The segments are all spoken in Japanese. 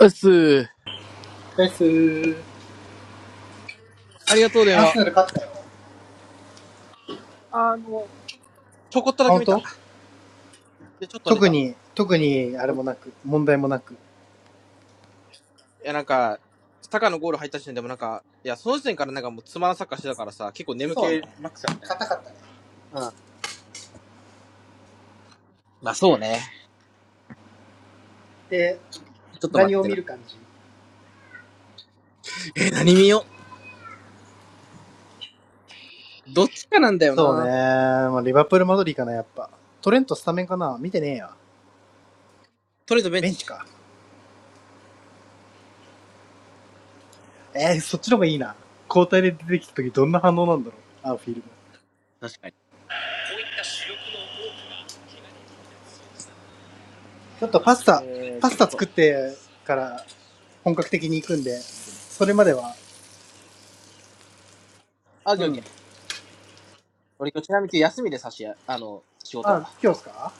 うっすー。です。ありがとう電アー話。セナル勝ったよ。あの、ちょこあ、っとだけ本見た。当？で、ちょっと寝特た。に、特にあれいもなく、問題もなく。や、なんか、サッカーのゴール入った時点でもなんか、いや、その時点からなんかもうつまらんサッカーしてたからさ、結構眠そうね。気マックスだったよ。硬かったね。うん。まあそうね。で、ちょっと待何っをて見な。る感じえー、何見よう。どっちかなんだよそうね。な。まあ、リバプールマドリーかな、やっぱ。トレントスタメンかな見てねえや。トレードベンベンチチ。か。えー、そっちの方がいいな。交代で出てきた時どんな反応なんだろう。あ、フィールド。確かに。ちょっとパスえタ、ー、っパスタ作と、ってから本格的に行くんで、それまでは、あ、オッうケーオッケん。ー。俺今日ちなみに休みでさしや、あの、仕事。あ、今日っすか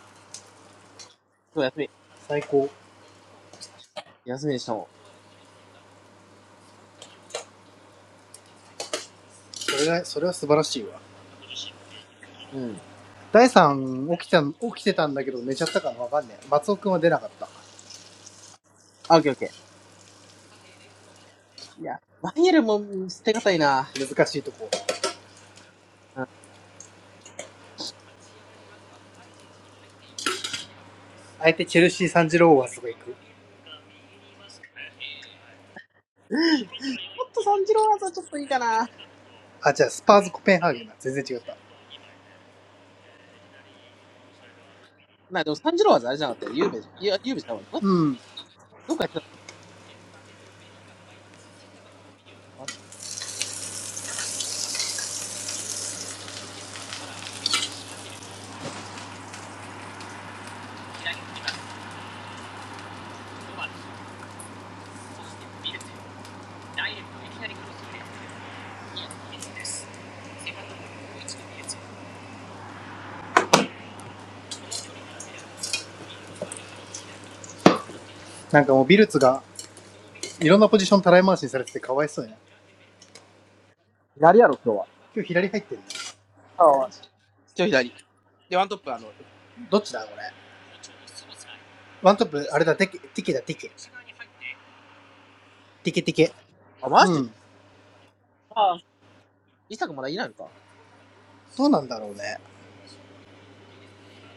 今日休み。最高。休みでしたもそれが、それは素晴らしいわ。ん。うん。第3起きたん、起きてたんだけど寝ちゃったかなわかんねえ。松尾くんは出なかった。あ、オッケーオッケー。いや、マイエルも捨てがたいな。難しいとこ。うん。相手チェルシー・サンジローワーズが行く。ちょっと三次郎はさ、ちょっといいかな。あ、じゃあスパーズ・コペンハーゲンだ。全然違った。な、でも三次郎はあれじゃなかったよ。ゆうべじゃ。いや、ゆうべじゃんわ。どっかうん。どっかやってたのなんかもうビルツがいろんなポジションたらい回しにされててかわいそうやな。左やろ、今日は。今日左入ってるね。ああ。今日左。で、ワントップ、あの、どっちだこれ。ワントップ、あれだ、テケ、テケだ、テケ。テケテケ。あ、マうジん。ああ。イサクまだいないのかどうなんだろうね。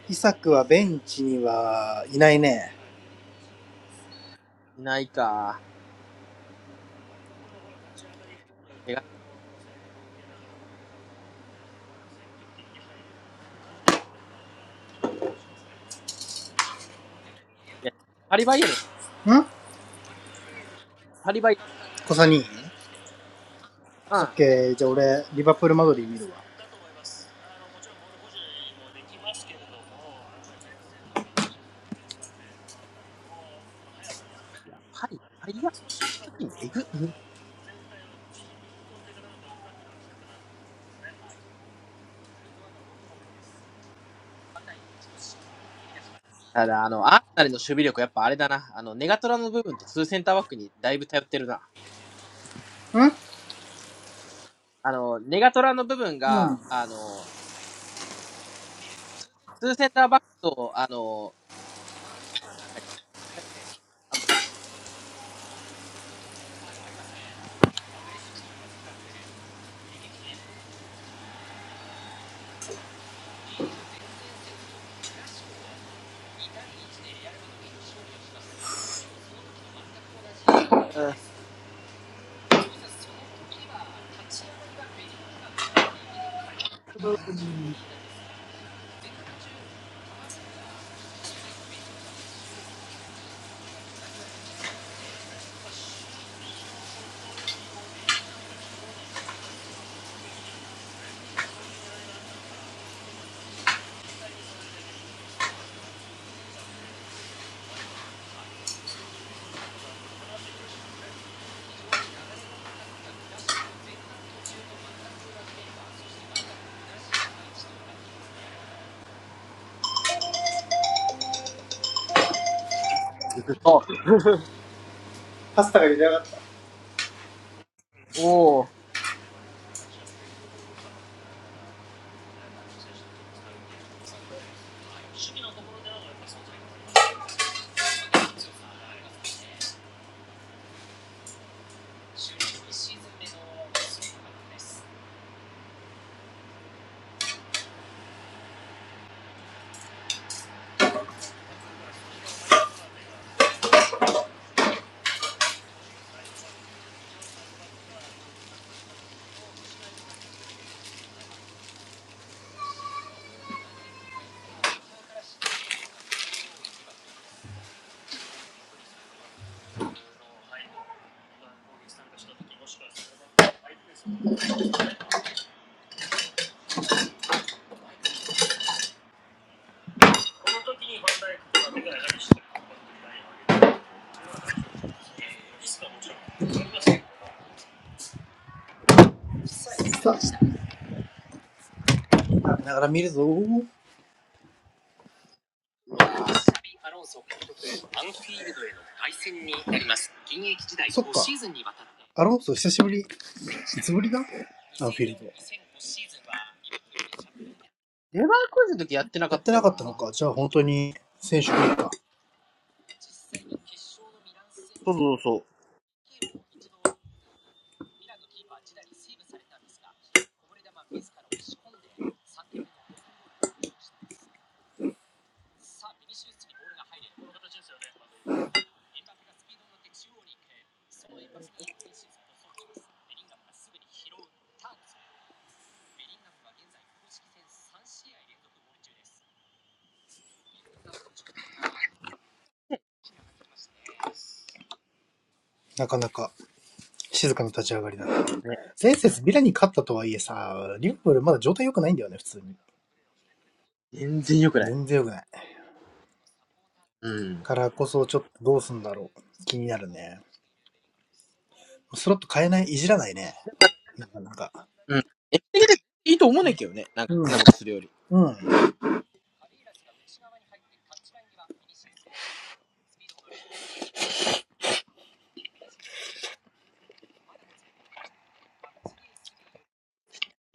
イサクはベンチにはいないね。いないか。手が、いやパリバイエルン、んパリバイエ小さにルン。オうッん。ケー、じゃあ俺、リバプールマドリー見るいや、パリ、パリバイエルン、えぐ。ただ、あの、アーセナルの守備力、やっぱあれだな。あの、ネガトラの部分とツーセンターバックにだいぶ頼ってるな。わ。んあの、ネガトラの部分が、あの、ツーセンターバックと、あの、あとないうん、パスタが茹で上がった。おお。さあ、ながら見るぞ。、いやー、対。そっか、アロンソ久しぶり。いつぶりだアンフィールドレバークーズの時やってなかやっってたなよかったのな。か。じゃあ本当に選手がいいか。そうそうそう。なかなか静かな立ち上がりだね。前節ビラに勝ったとはいえさ、リバプールまだ状態良くないんだよね、普通に。全然良くない。全然良くない。うん。なんからこそちょっとどうすんだろう。気になるね。スロット変えない、いじらないね。かなかなか。うん。エピ的でいいと思うねんけどね。なんかうん。変なことするより。いうん。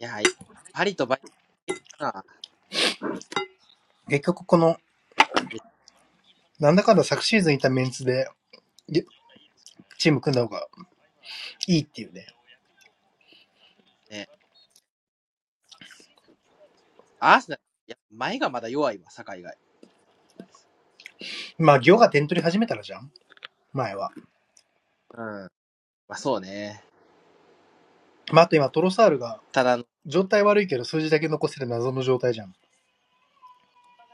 やー、パリとバイエルン結局この、みたいなんだかんだ昨シーズンいたメンツで、チーム組んだ方がいいっていうね。なね。アーセナル、いや、前がまだ弱いわ、境以外。まあ、ギョが点取り始めたらじゃん前は。うん。まあそうね。まあ、あと今、トロサールが、ただ、状態悪いけど数字だけ残せる謎の状態じゃん。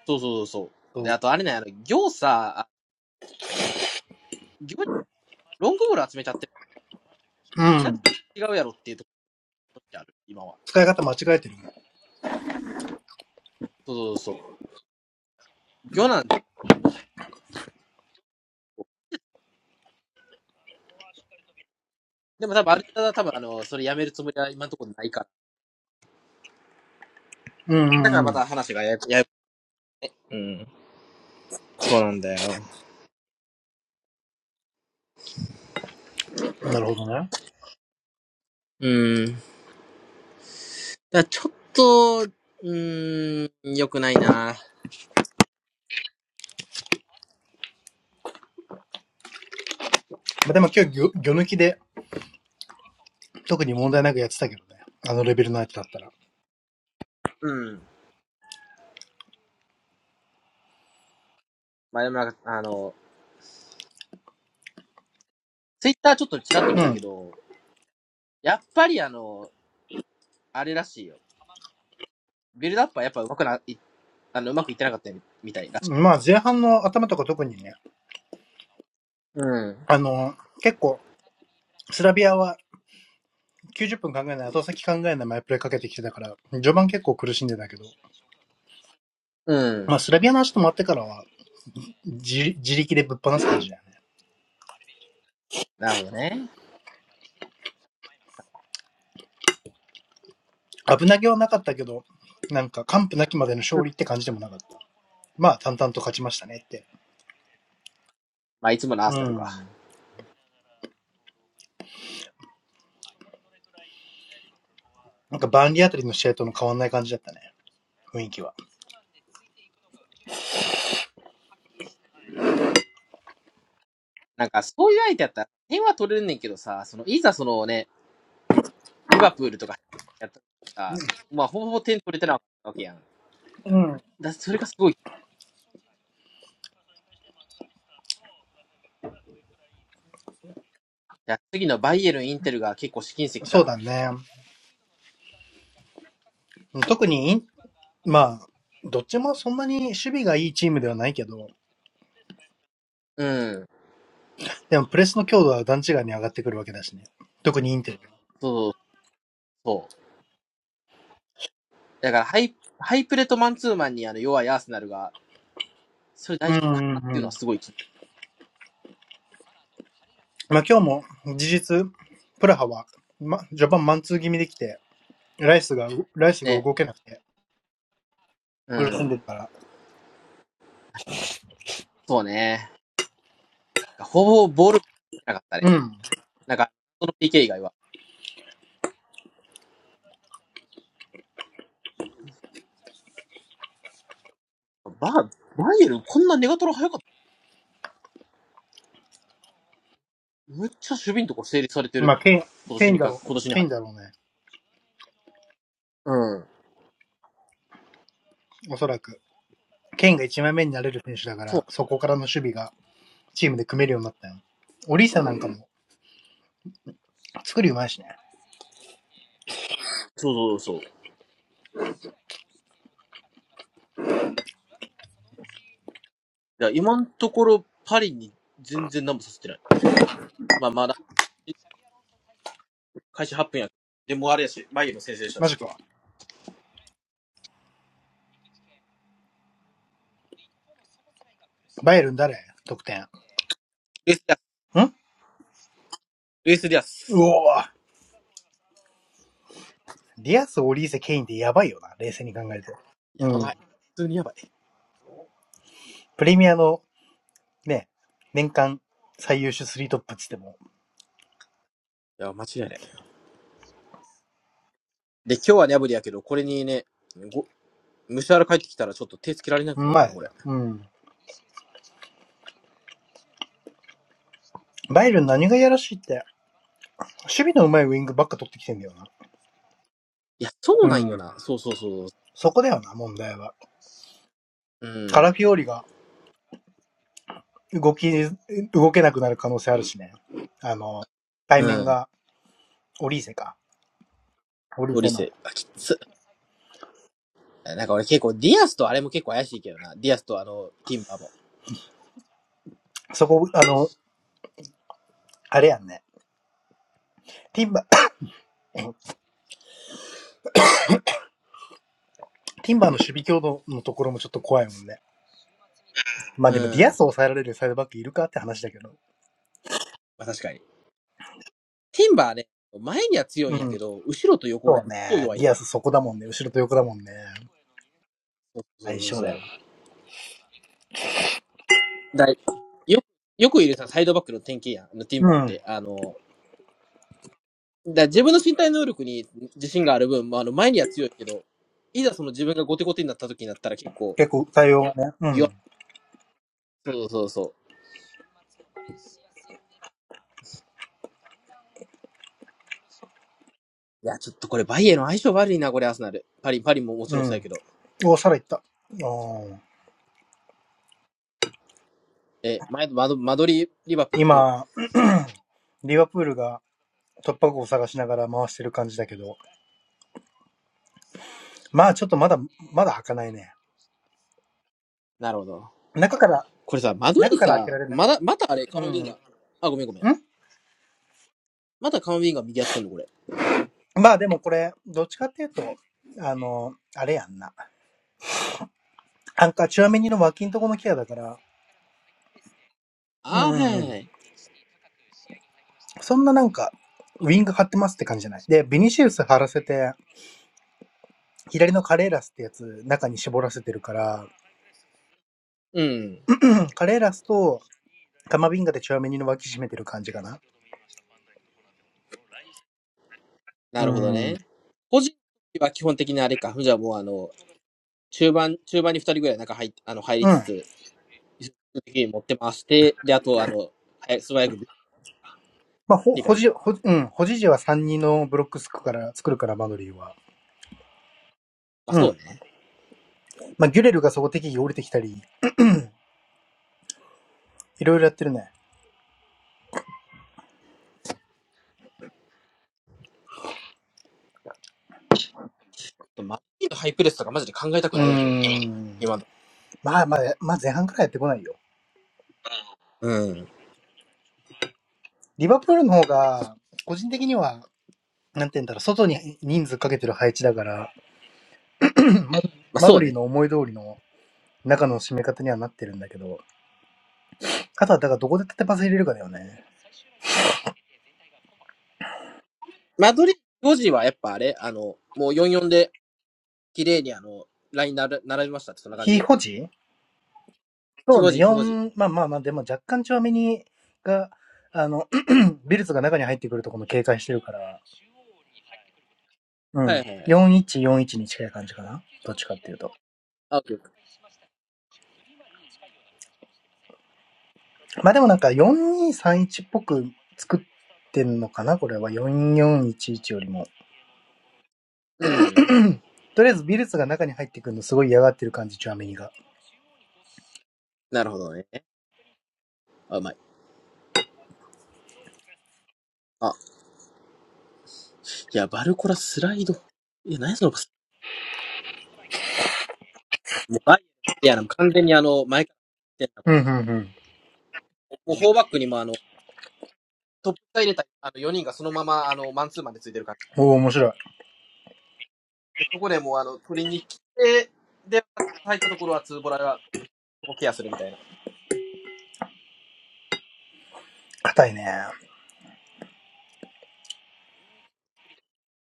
そうそうそうそう。そう。で、あとあれね、あの、行さ、行にロングボール集めちゃってる、うなんかん。それと違うやろっていうところってある、今は。使い方間違えてるね。そうそうそう。行なんて、でも多分あれただ多分あの、それやめるつもりは今のところないからうんうだからまんた話がやややうん。そうなんだよ。うん。なるほどね。まうん。だからちょっと、うーん、良くないな。あ、でも今日ギョ、ギョ抜きで、特に問題なくやってたけどね。あのレベルの相手だったうん。まあでもなんか、あの、ツイッターちょっとちらっと見たら。うん。けど、やっぱりあの、あれらしいよ。ビルドアップはやっぱうまくな、いあの、うまくいってなかったみたいらしい。まあ、前半の頭とか特にね、うん。あの、結構、スラビアは90分考えない、後先考えない前プレーかけてきてたから、序盤結構苦しんでたけど、うん。まあ、スラビアの足止まってからは、自自力でぶっ放す感じだよね。なるほどね。危なげはなかったけど、なんか、完膚なきまでのう勝ん。利って感じでもなかった。まあ、淡々と勝ちましたねって。まあいつものアーうセナルか。ん。なんか、バンリーあたりの試合との変わんない感じだったね。雰囲気は。なんかそういう相手やったら、点は取れるねんけどさ、その、いざそのね、リバプールとかやったらさ、まあほぼほぼ点取れてなかったわけやん。うん。だそれがすごいいや、次のバイエルン、インテルが結構試金石そかうな。だね。特に、まあ、どっちもそんなに守備がいいチームではないけど、うん。でもプレスの強度は段違いに上がってくるわけだしね。特にインテル。そうそうそう。だからハイ、ハイプレとマンツーマンにあの弱いアーセナルが、それう大丈んう夫かなっんていううのん。はすごい気にまあ、今日も事実、プラハは、ま、序盤マンツー気味できて、ライスが、ライスがね。動けなくて、う苦しんん。でるから。そうね。ほぼボール、なかったね。うん。なんか、その PK 以外は。バー、バイエルン、こんなネガトラ早かった。めっちゃ守備のとこ整理されてる。まあ、ケイン、今ケ年インにだか、ろ今年う。にケイ入っンて。だろうね。うん。おそらく。ケインが1枚目になれる選手だかそう。ら、そこからの守備がチームで組めるようになったよ。オリーサなんかも作りうまいしね。そうそうそう。いや、今のところ、パリに全然何もさせてない。まあ、まだ、開始8分や。でもあれやし、バイエルン先制したマし。ジか。バイエルン誰得点。ルイス・ディアス。んルイス・ディアうおス。ーディアス、オリーセ、ケインってやばいよな。冷静に考えてやうばん。い。普通にやばい。いプレミアのね、年間最優秀スリートップっつっても、や、間違いない。で、今日はね、アブリやけど、これにね、ご、ムシャラ帰ってきたらちょっと手つけられなうくなるまな、いね。これ。うん。バイエルン何がやらしいって、守備のうまいウィングばっか取ってきてんだよな。いや、そううなんよん。な。そうそうそう。そこだよな、問題は。うカん。ラフィオリが動き、動けなくなる可能性あるしね。あの、対う面ん。がオリーセか。オリーオセリの。セ。あ、きつ。なんか俺結構、ディアスとあれも結構怪しいけどな。ディアスとあの、ティンバーも。そこ、あの、あれやんね。ティンバ、ティンバーの守備強度のところもちょっと怖いもんね。まあでもデうィアん。ス抑えられるサイドバックいるかって話だけど。まあ確かに。ティンバーね、前には強いうんやけん。ど、後ろと横そがうめっぽうね。弱いデのィアスそこだもんね。後ろと横だもんね。よ。そうそ相うそう性だそよ。う。だいよ、よくいるさ、サイドバックの典型やん。あのティンバうーっん。て、あの、だ自分の身体能力に自信がある分、まあ、あの前には強いけど、いざその自分がゴテゴテになった時になったら結構結構対応がね。う弱ん。い。そうそうそう。いや、ちょっとこれバイエル相性悪いな、これアーセナル。パリ、パリももちうろんそうやん。けど。お、サラ行った。おーえ、前マド、マドリー、リバプールどう今、リバプールが突破口を探しながら回してる感じだけど、まあちょっとまだ、まだ開かないね。なるほど。中から、これさ、マド中リーから開けらさ、れない。まだ、またあれ、うカモビん。ンんガ。あ、ごめんごめん。またカモビンガ右やってんの、これ。まあでもこれ、どっちかっていうと、あの、あれやんな。なんかチュアメニの脇んとこのケアだから、うんあー、うはんういはいん。はい。そんななんか、ウィング張ってますって感じじゃない。で、ビニシウス張らせて、左のカレーラスってやつ、中に絞らせてるから、うん。うんカレーラスとタマビンガでチュアメニの脇締めてる感じかな。うなるほどん。うん。ね。個人は基本的にあれか。じゃあもうあの、中盤、中盤に二人ぐらい中入っ、あの、入りつつ、ま技術的に持ってます。で、で、あと、あの、早素早く、あ、ほ、理解ほ理じ、解。ほ、うん。ほじじは3人のブロックスクから、作るから、マドリーは。まあうそうん。ね。まあ、ギュレルがそこ適宜降りてきたり、いろいろやってるね。マドリーのハイプレスとかマジで考えたくうないんやけどな。ーん。今の。まあまあ、まあ前半からやってこないよ。うん。リバプールの方が、個人的には、なんて言うんだろう、外に人数かけてる配置だから、ままあマそドうリーね。の思い通りの中の締め方にはなってるんだけど、あとはだからどこで縦パス入れるかだよね。マドリードジ時はやっぱあれあの、もう44で、綺麗にあの、ライン並並びましたってそんな感ヒーじホジそ非うホね、ジ非ホジ4、まあまあまあ、でも若干長めに、が、あの、ビルズが中に入ってくるとこも警戒してるから、うはん。いはいはい。4141に近い感じかな。どっちかっていうと。あ、オッケーオッケーまあでもなんか4231っぽく作ってんのかなこれは4411よんいちいちよりも。うん。とりあえずビルズが中に入ってくるのすごい嫌がってる感じ、チュアメニが。なるほどね。あ、うまい。あ、いや、バルコラスライド。いや、何やそのパス。もうバイいや、でも完全にあの、前から来てんな、こうんうれ。んうん。もうフォーバックにもあの、トップ下入れたあの4人がそのままあのマンツーマンでついてる感おお、面白い。じ。で、そこでもうあの取りに来て、で、入ったところはツーボラがそこケアするみたいな。硬いね。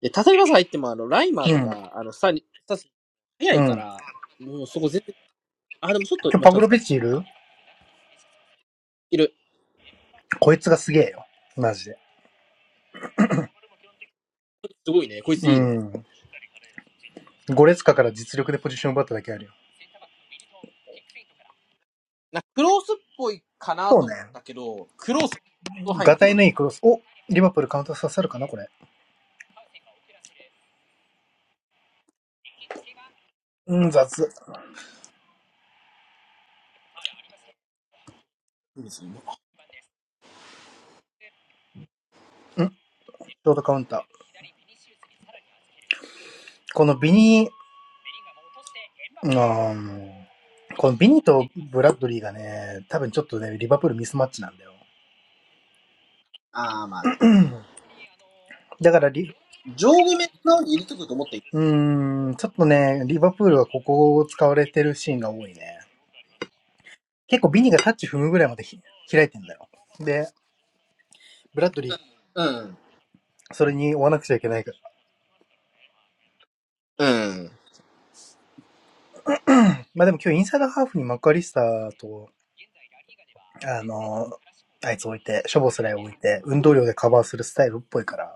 で、例えばさ入ってもあの、ライマーうん。うとん。か、あの、スタに、スタス早いか今ら、もうそこ全然、あ、でもちょっと日今パチャブンスロかビッも。チいあ、るいる。こいつがすげえよ。マジで。すごいね。こいつういいね。ん。5列下から実力でポジション奪っただけあるよ。なクロースっぽいかなそうと思ね。ったけど、クロースの範囲はガタイ広いのいわ。いクロス。おリバプールカウンター刺さるかなこれ。うん、雑。んシいいですね。ョートカウンター。このビニー、あーこのビニーとブラッドリーがね、多分ちょっとね、リバプールミスマッチなんだよ。ああ、まあ、うん。だからリ、上後面のように入れてくると思っていいうーん、ちょっとね、リバプールはここを使われてるシーンが多いね。結構うん。ビニーがタッチ踏むぐらいまでひ開いてんだよ。で、ブラッドリー、うん。それに追わなくちゃいけないから。うんまあでも今日インサイドハーフにマッカリスターと、あの、あいつ置いて、しょぼスライ置いて、運動量でカバーするスタイルっぽいから。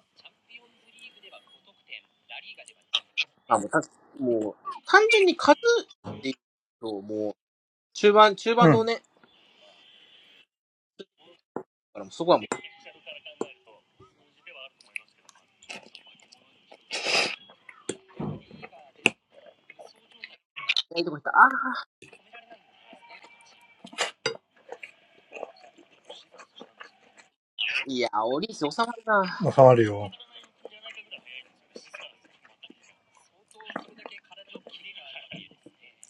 あ、もうた、もう、単純に数っていうと、もう、中盤、中う盤のん。ね、だからもうそこはもう、いないとこ行った。ああ、いや、折り収まるな。収まるよ。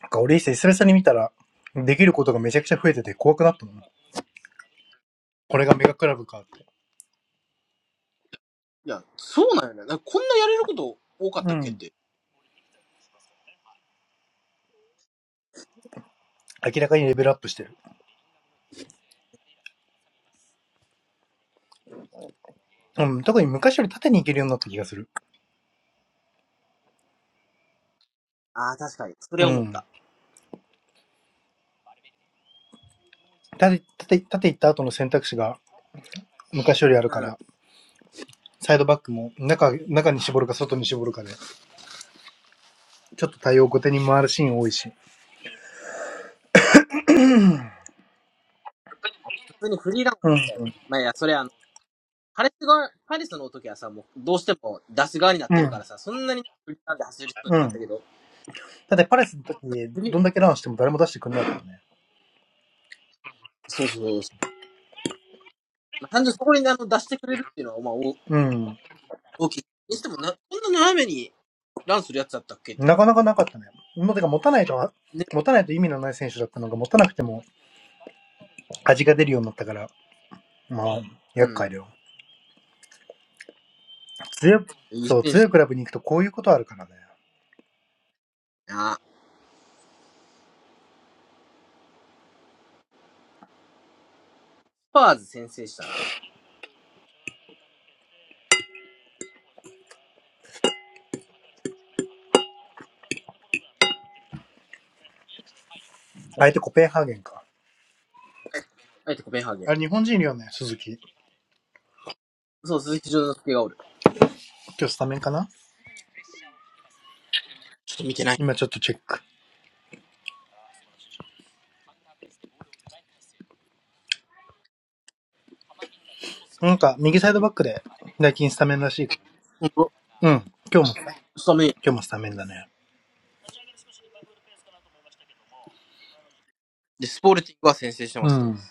なんか俺一世久々に見たら、できることがめちゃくちゃ増えてて怖くなったもん。うこん。いれがメガクラブかって。や、そうなんよね。なんかこんなやれること多かっうたっけっん。て。明らかにレベルアップしてる。うん。特に昔より縦に行けるようになった気がする。ああ、確かに。それうは思っん。た。縦、縦、縦行った後の選択肢が昔よりあるうかん。普ら、サイドバックも中、中に絞るか外に絞るかで、ちょっと対応後手に回るシーン多いし。通にフリーランうん。スだよね。まあいや、それあの、パレス側、パレスの時はさ、もう、どうしても出す側になっうてるかん。らさ、そんなにフリーランで走る必要うなかったん。けど、だってパレスの時、なんかフリどーんだけランしても誰も出してくれないからね。そうそうそうそう。まあ、単純にそこにあの出してくれるっていうのは、まあ、おうん。大きい。にしてもな、こんな斜めにランするやつだったっけっていうなのは、かなかなかったね。もう、てか持たないと、ね。持たないと意味のない選手だったのが、持たなくても味が出るようになったから、まあ、う厄介ん。だよ。強い、いいそう、選手強いクラブに行くとこういうことあるからね。だな。スパーズ先制したな。相手コペンハーゲンか。あえてコペンハーゲン。あれ、日本人いるよね、鈴木。そう、鈴木丈之介がおる。今日スタメンかなちょっと見てない。今ちょっとチェック。なんか、右サイドバックで、最近スタメンらしい。ほんと、うん。今日も、今スタメン。日もスタメンだね。で、スポルティングは先制してまうすと。ん。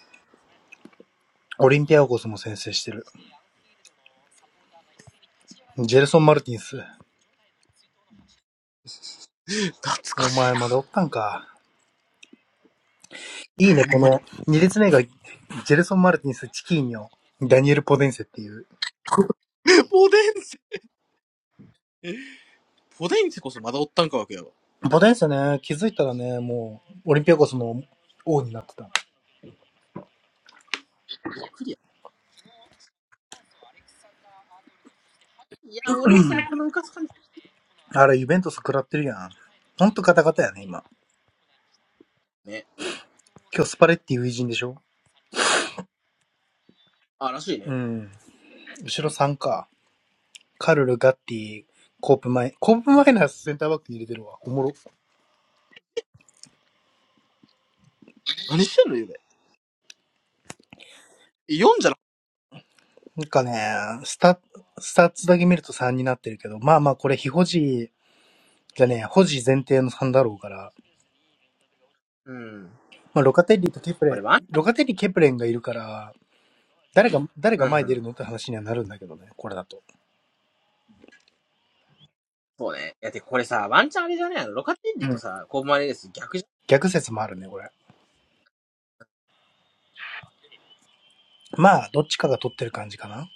オリンピアゴスも先制してる。ジェルソン・マルティンス。懐おかしい前な。まだおったんか。いいね、ほんこまの、に。2列目が、ジェルソン・マルティンス、チキーニョ、ダニエル・ポデンセっていう。これポデンセ。ポデンセこそまだおったんかわけやわ。ポデンセね、気づいたらね、もう、オリンピアコスの王になってた。びっくりや。いや、オリーサのこのムカつ感じ。あれ、ユベントス食らってるやん。ほんとガタガタやね、今。ね。今日スパレッティ初陣でしょあ、らしいうね。ん。後ろ3か。カルル、ガッティ、コープマイ、コープマイナスセンターバックに入れてるわ。おもろ。何してんの、ゆで。読んじゃな。なんかね、スタ、スタッツだけ見ると3になってるけど、まあまあこれ、非保持じゃね保持前提の3だろうから、うん。まあ、ロカテッリとケプこレれン、ワンチロカテッリ、ケプレンがいるから、誰が、誰ャが前ン、出うん。るのって話にはなるんだけどね、これだと。そうね。いや、てかこれさ、ワンチャンあれじゃねえのロカティンうリとん。さ、コーマレース逆じゃ逆説もあるね、これ。まあ、どっちかが取ってる感じかな。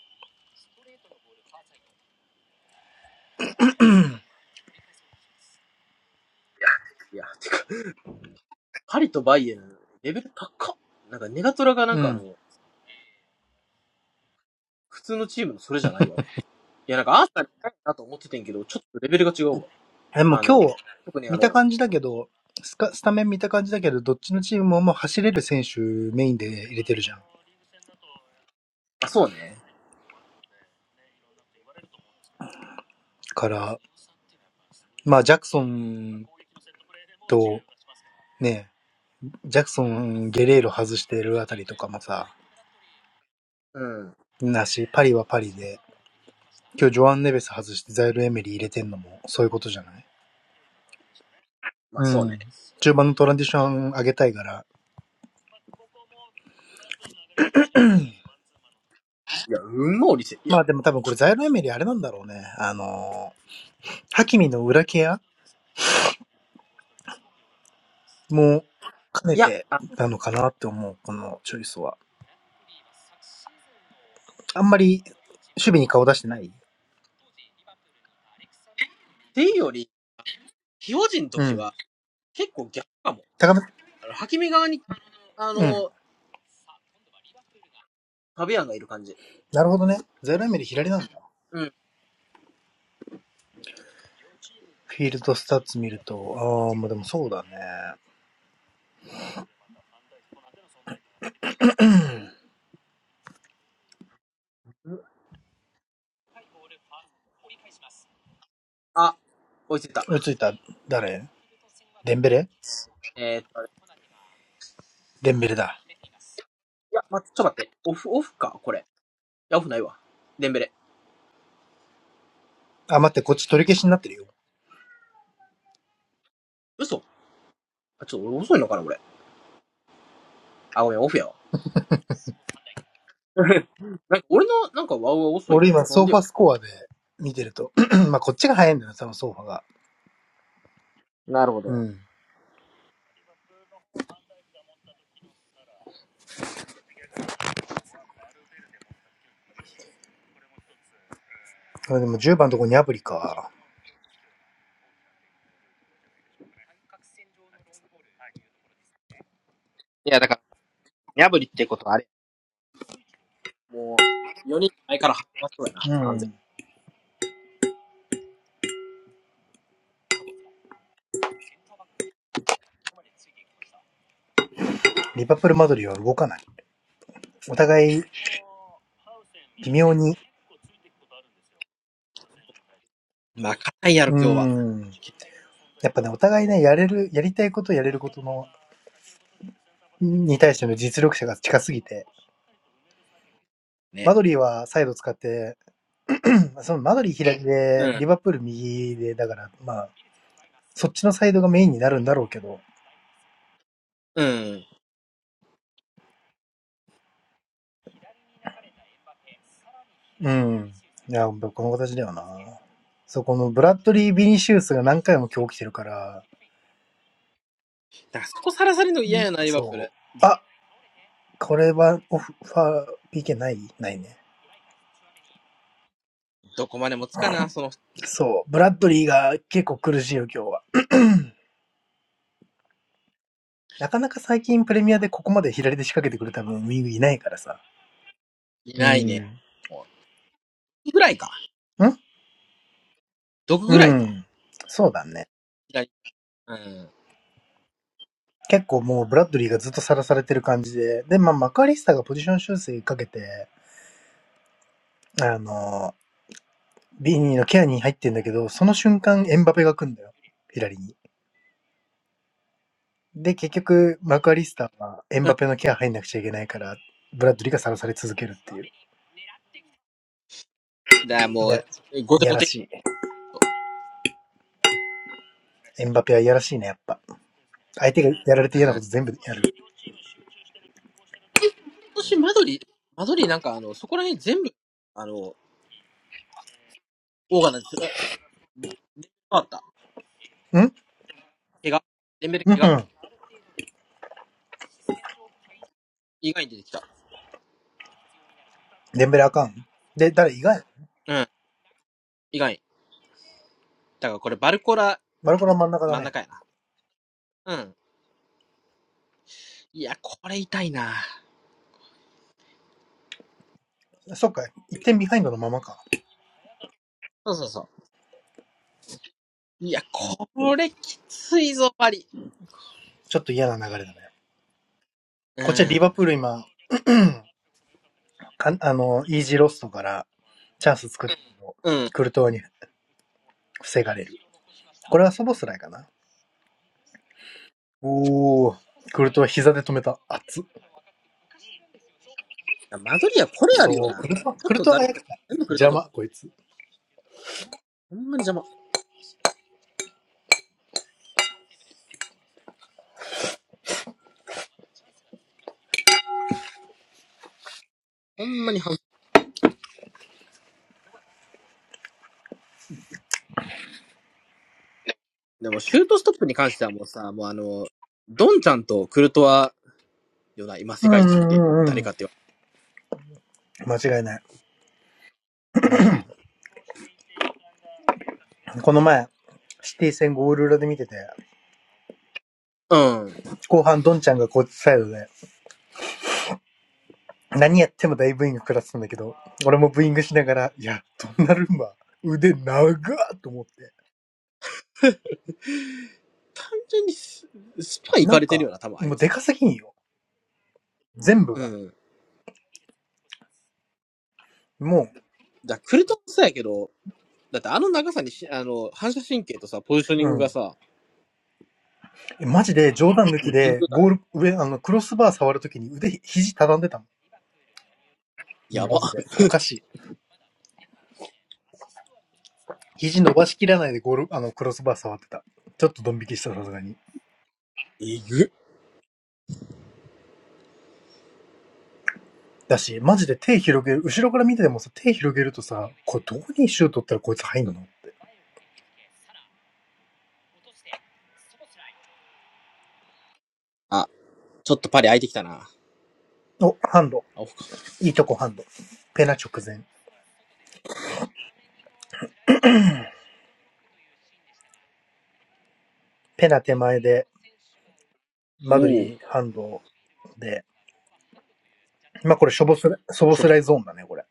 ん。いや、てか、パリとバイエルン、レベル高っ。なんかネガトラがなんうかあん。の、普通のチームのそれじゃないわ。いやなんかアーセナル高いなと思っててんけど、ちょっとレベルが違うわ。でもあ今の、日、特にあ見たの、感じだけど、スカ、スタメン見た感じだけど、どっちのチームももう走れる選手メインで入れてるじゃん。まあそうね。から、まあ、ジャクソンと、ね、ジャクソン、ゲレーロ外してるあたりとかもさ、うん。なし、パリはパリで、今日ジョアン・ネベス外してザイル・エメリー入れてんのもそういうことじゃないまあうそうね。ん。中盤のトランジション上げたいから。いや、うんもおりせ、いまや、あでも多分これザイロエメリあれなんだろうね。あのー、ハキミの裏ケアも兼ねいや、てあ、なのかなって思う、このチョイスは。あんまり守備に顔出してないていうより、非表人のう時ん。は結構逆かも。高め、あの、ハキミ側に、あうん。の、ファビアンがいる感じ。なるほどね。ザイロエメリ左なんだ。うん。フィールドスタッツ見ると、ああ、まあでもそうだね。あ、追いついた。追いついた、誰デンベレえー、っと、いデンベレだ。や、待って、ちょっと待って。オフ、オフか、これ。いや、オフないわ。デンベレ。あ、待って、こっち取り消しになってるよ。嘘あ、ちょっと遅いのかな、俺。あ、ごめん、オフやわ。なんか俺の、なんかワウワウ遅いな。俺今、なソんーでフよ。ァスコアで見てると。まあ、こっちが早いんだよな、多分ソーファが。なるほうど。ん。れでも10番のとこにアプリか。いや、だから、破りってことはあれ。もう、4人前から始まそうやな、う完全ん。リバプールマドリーは動かない。お互い、微妙に。に。まあ、勝たんやろ、う今日は。ん。やっぱね、お互いね、やれる、やりたいことやれることの、に対しての実力者が近すぎて。ね。マドリーはサイド使って、うんそのマドリー左うで、ん。リバプール右で、だから、まあ、そっちのサイドがメインになるんだろうけど、うん。うん。いや、この形だよな。そう、このブラッドリー・ビニシウスが何回も今日起きてるから、だからそこさらされるの嫌やな、リバプーそル。う。ずっとあ、これはオフファー PK ないないね。どこまでもつかな、その人。そう、ブラッドリーが結構苦しいよ、今日は。なかなか最近プレミアでここまで左で仕掛けてくるた分ウィングいないからさ。いうないん。ね。んもう、ぐらいか。毒うぐらいか。ん。そうだね。左。うん。うん。結構もうブラッドリーがずっとさらされてる感じで。で、まあ、マカリスターがポジション修正かけて、あのビーニーのケアに入ってんだけど、その瞬間エンバペが来んだよ、左に。で、結局、マクアリスターはエンだバかペのケア入んなくちゃいけないから、ブラッドリーがさらされ続けるっていう。いらもや、う、ごいてやごらて。しい。うん。エンバペはいやらしいね、やっぱ。相手がやられて嫌なこ今と全部やる。年、マドリ、マドリなんかあの、そこら辺全部、あの、オーガナイズ、変わった。んうん怪我。レンベルう怪我。ん。意外に出てきた。デンベレあかん。で、誰意外うん。意外に。だからこれバルコラ、バルコロ真ん中だ真んね。中やな。うん。いや、これ痛いな。そっか、1点ビハインドのままか。そうそうそう。いや、これきついぞ、パリ。ちょっと嫌な流れだね。うこっちはリバん。プール今、かあの、イージーロストからチャンス作ってるうん。クルトワに防がれる。これはサボスライかな。おお、クルトは膝で止めた。熱っ。マドリア、これあそるよう、な。クルトワ、ちょクっルとトワざがるやっくてた。全部くれた邪とき、魔、こいつ。ほんまに邪魔。ほんまにはんでも、シュートストップに関してはもうさ、もうあの、ドンちゃんとクルトワよな、今う世ん界う一っんうて、んう誰ん。かって間違いない。言われる。この前、シティ戦ゴール裏で見てて、うん。うん。後半ドンちゃんがこっちサイドで、何やっても大ブーイング食らってたんだけど、俺もブーイングしながら、いや、ドンナルンマ、腕長っと思って。単純にス、スパン行なかんれてるか、よな、多分あいもうでつ。かすぎんよ。全部うが。ん。もだクルトワもそうやけど、だってあの長さにし、あの、反射神経とさ、ポジショニう、ングうがん。さ、マジで冗談抜もきう尋で、常じゃなゴい。ール、上、あの、クロスバー触るときに腕、肘畳んでたもん。やマば。ジで。お かしい。肘伸ばしきらないでゴール、あの、クロスバー触ってた。ちょっとドン引きした、さすがに。えぐ。だし、マジで手広げる、後ろから見ててもさ、手広げるとさ、これどこにシュート打ったらこいつ入んのあ、ちょっとパリ空いてきたな。あお、ハンド。オフか。いいとこハンド。ペナ直前。ペナ手前で、マドおお。リーハンドで。まあ、これショボスラ、ショボちょスっラと、イゾーンだね、これ。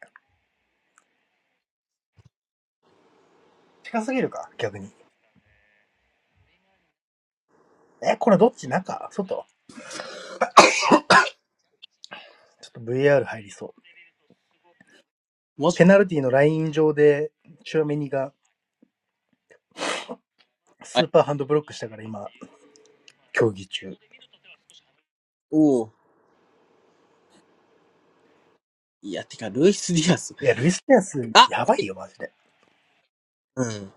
近すぎるか、逆に。え、これどっち中外ちょっと v r 入りそう。マジペか。ナルティのライン上で、チュアメニがスあーパーハンドブロックしたから今、競技中。おお。いや、てか、ルイス・ディアス。いや、ルイス・ディアス、あ、やこばいれ、よ、マジで。うん。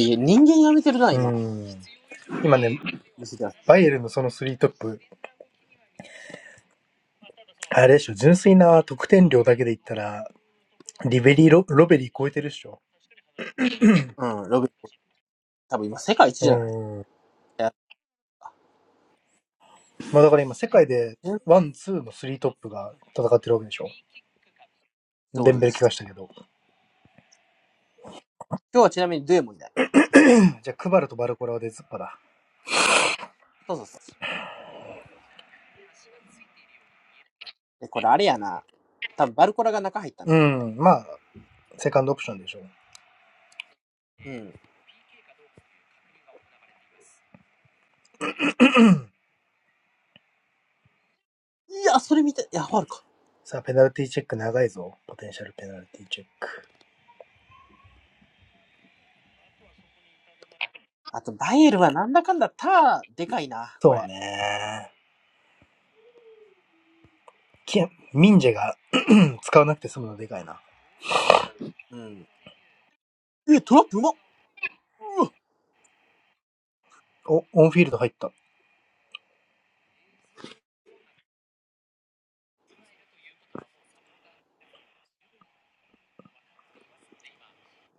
いや、人間やめてるな、う今。ん。今ね、ルイス・ディアス。バイエルのそのスリートップ、あれでしょ、純粋な得点量だけで言ったら、リベリーロ、ロベリー超えてるっしょ。うん、ロビン。多分今、世界一うじゃないいん。や、まあだから今、世界で、っワン、ツーのスリートップが戦ってるわけでしょ。てデことンベでル怪我す。したけど。今日はちなみにデエもいない。じゃあ、クバルとバルコラは出ずっぱだ。そうそうそう。で、これあれやな。多分バルコラが中入ったな。うん。まあ、セカンドオプションでしょ。うん。いや、それ見て、いや、ファウルか。さあ、ペナルティチェック長いぞ。ポテンシャルペナルティチェック。あと、バイエルはなんだかんだター、でかいな、こそうれ。ね。ミンジェが、うん、使わなくて済むのでかいな。うん。え、トラップうまっうわお、オンフィールド入った。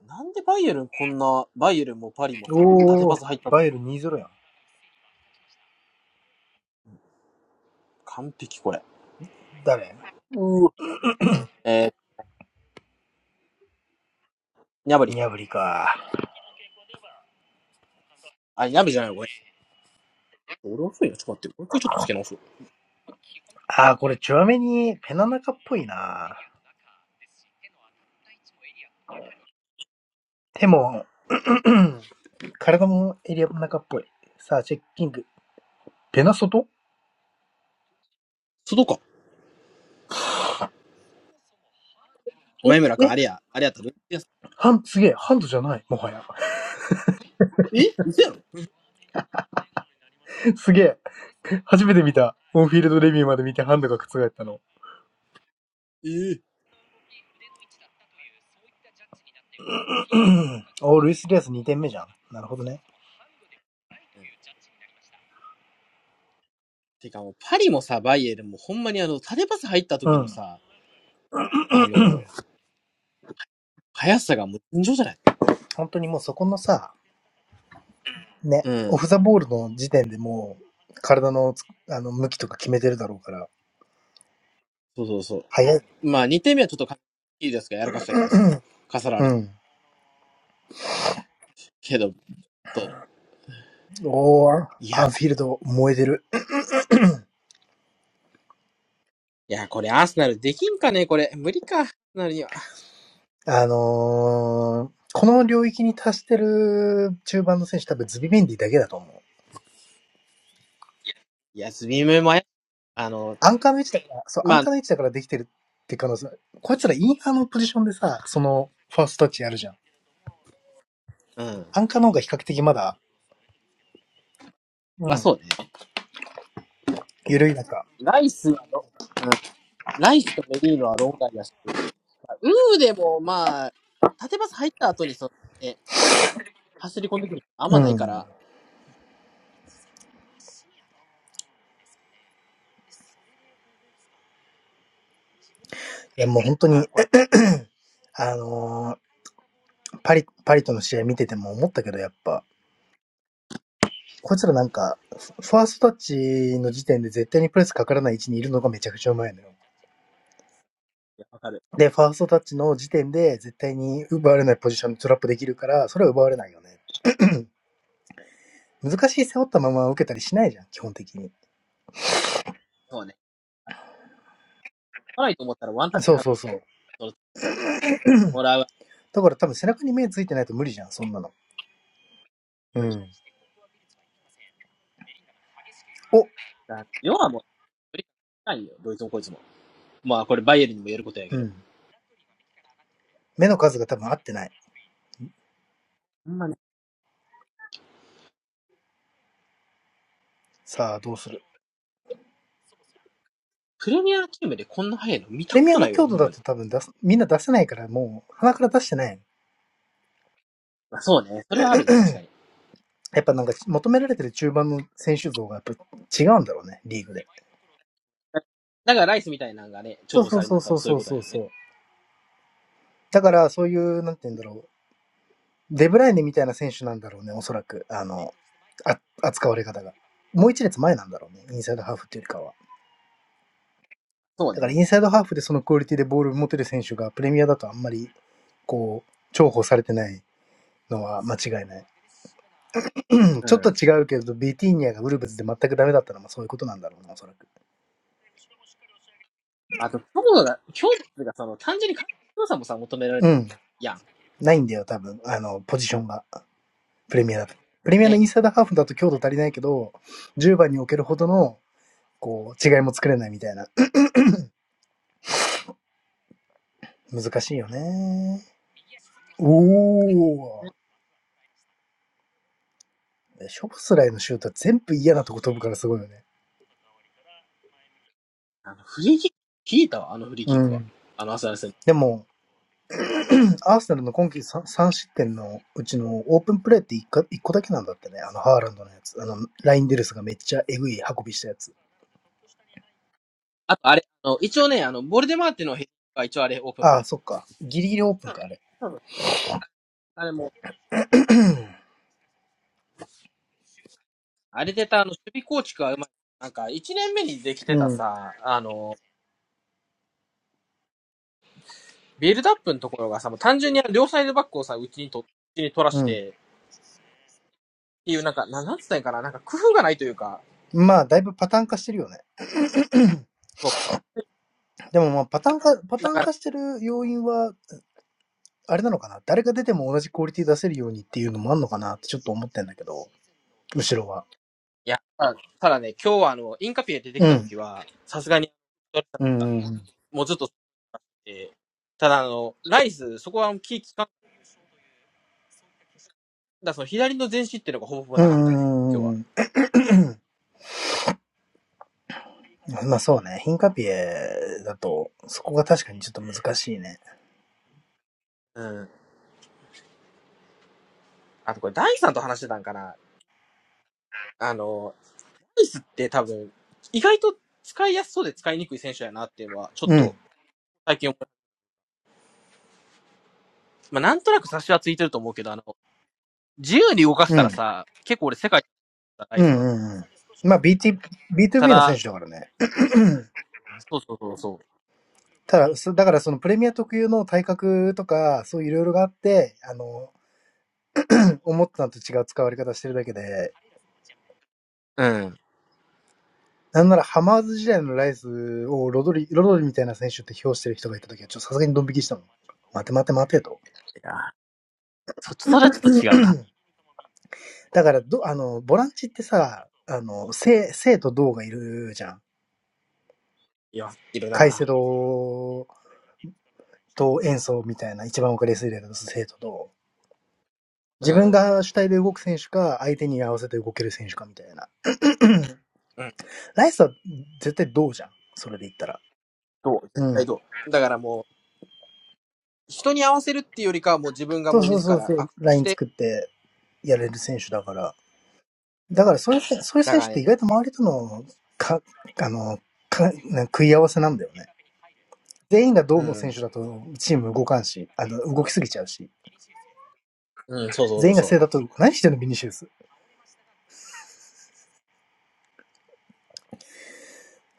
なんでバイエルンこんな、バイエルンもパリもさ、縦おパー、ス入ったとバイエル2-0やん。完璧これ。誰うわ。えー、ニャブリ。ニャブリか。あ、ニャブリじゃない、ごめん。俺遅いな、ちょっと待って。もう一回ちょっとつけ直そう。あー、これチュアメにペナナカっぽいな。手も、体もエリアの中っぽい。さあ、チェッキング。ペナ外須藤か。ごめん、村君、えあれや、あれやったら、ハン、すげえ。ハンドじゃない。もはや。え嘘やろ すげえ。初めて見た。オンフィールドレビューまで見てハンドが覆ったの。ええ おー、ルイス・リアス2点目じゃん。なるほどね。うんてかもう、パリもさ、バイエルンもほんまにあの、縦パス入ったう時のん。さ、あの、速さがもう尋常じゃない本当にもうそこのさ、ね、うん。オフザボールの時点でもう、体のつあの向きとか決めてるだろうから、そうそうそう。早い。まあ、2点目はちょっとかいいですか、やらかしたけどさ。かさらうれたん。けど、と。おー、いアや、ンフこィールド燃えてる。いや、これアーセナルできんかね、これ。無理か、アーセナルには。あのー、この領域に達してる中盤の選手多分ズビメンディだけだと思う。いや、ズビムもあや、あの、アンカーの位置だから、そう、アンまカあ、ーの位置だからできてるって可能性。こいつらインハーのポジションでさ、その、ファーストタッチやるじゃん。うん。アンカーの方が比較的まだ、うまあ、ん、そうね。緩い中。ライスはロ、うん。ライスとメリーノは論外だし、まあウーでも、まあ、縦パス入った後に、そね、走り込んでくるあんうまないかん。ら。いや、もう本当だ、に、これ、あのーパリ、パリとの試合見てても思ったけど、やっぱ、こいつらなんか、ファーストタッチの時点で絶対にプレスかからない位置にいるのがめちゃくちゃうまいのよ。いやわかる。で、ファーストタッチの時点で絶対に奪われないポジションにトラップできるから、それは奪われないよね。難しい背負ったまま受けたりしないじゃん、基本的に。そうね。来ないと思ったらワンタッチでそう走そうそう。る。もらう。だから多分背中に目ついてないと無理じゃん、そんなの。う無理。ん。お、だ、要はもう、無理。ないよ。どいつもこいつも。まあこれバイエルにも言えることやけうど。ん。目の数が多分合ってない。ほんまね。さあ、どうするプレミアチームでこんな早いの見たプレこミアとのないわ、強ほ度んだまに。と多分出す、みんな出せないからもう鼻から出してない。まあ、そうね。それはあるね、確かに。やっぱなんか求められてる中盤の選手像がやっぱ違うんだろうね、リーグで。だからライスみたいなのがね、重そう宝そさうれるそのうは多そ分うそういそううことそやうろそね。う。だからそういう、なんて言うんだろう、デブライネみたいな選手なんだろうね、おそらく。あの、あ扱われ方が。もう一列前なんだろうね、インサイドハーフっていうよりかは。そうだからね。インサイドハーフでそのクオリティでボール持てる選手がプレミアだとあんまり、こう、重宝されてないのは間違いない。うちょっとん。違うけど、ビティーニアがウルブズで全くダメだったのもそういうことなんだろうな、おそらく。あと、強度が、強度がその、単純に感動さもさ、求められるうん。やん。ないんだよ、多分。あの、ポジションが。プレミアだと。プレミアのね。インサイドハーフだと強度足りないけど、10番に置けるほどの、こう、違いも作れないみたいな。難しいよね。おーショボスライのシュートは全部嫌なとこ飛ぶからすごいよね。あの、フリーキック、聞いたわ、あのフリーうキックは。ん。あの、アスナル戦。でも、アーセナルの今季 3, 3失点のうちのオープンプレーって 1, か1個だけなんだってね。あの、ハーランドのやつ。あの、ラインデルスがめっちゃエグい運びしたやつ。あと、あれ、あの、一応ね、あの、ボルデマーテのヘッドが一応あれ、オープンプあレあ、イ。そっか。ギリギリオープンか、あれ。そうそうあれも、あれでた、あの、守備構築はうまい。なんか、一年目にできてうたん。さ、あの、ビルドアップのところがさ、もう単純に両サイドバックをさ、うちにと、うちに取らうしん。て、っていう、なんか、なんつったんやかな、なんか工夫がないというか、まあ、だいぶパターン化してるよね。そでもまあパターン化、パう。タだーンから、化してる要因は、あれなのかな誰が出ても同じクオリティ出せるようにっていうのもあんのかなってちょっと思ってんだけど、後ろは。いや、ただね、今日はあの、インカピエ出てきうたん。時は、さすがに、うんうんうん。もうずっと、ただあの、ライス、そこはキー聞かん、だその左の前進っていうのがほぼほぼうなかっんうたね、今日んうんは。うん。まあそうね。ヒンカピエだと、そこが確かにちょっと難しいね。うん。あとこれ、ダイさんと話してたんかな。あの、ライスって多分、意外と使いやすそうで使いにくい選手やなっていうのは、ちょっうと、ん。最近思うまあ、なんとなく差しはついてると思うけど、あの、自由に動かせうたらん。さ、結構俺世界ないうっんうすわ。んうん。まあ BT、た B2B の選だ、手だからね。そうそうそうそただ、そだからそのプレミア特有の体格とか、そういろいろがあって、あの、思ったのと違う使われ方してるだけで、う。うん。なんならハマーズ時代のライスをロドリ、ロドリみたいな選手って評してる人がいた時は、ちょっとさすがにドン引きしたもん。待て待て待てと。いや、そ、それはちょっ と違うな。だからど、あの、ボランチってさ、あの、生、生と銅がいるじゃん。いや、いるカイセな。ドと演奏みたいな、一番分かりやすい例だと生と銅。う自分ん。が主体で動く選手か、相手に合わせて動ける選手かみたいな。うん。ライスは絶対銅じゃん。それで言ったら。どう絶う対ん。どう。だからもう、人に合わせるっていうよりかはもう自分がそうもうそう自そうそらう。アクションライしンて、作ってやれる選手だから。だからそういう選そういうだ選か手らってね。意外と周りとの、か、あの、か、な食い合わせなんだよね。全員がどうのう選ん。手だとチーム動かんし、あの、動きすぎちゃうし、うん、そうそうそ全う員が正そだと、何してんのビニシウス。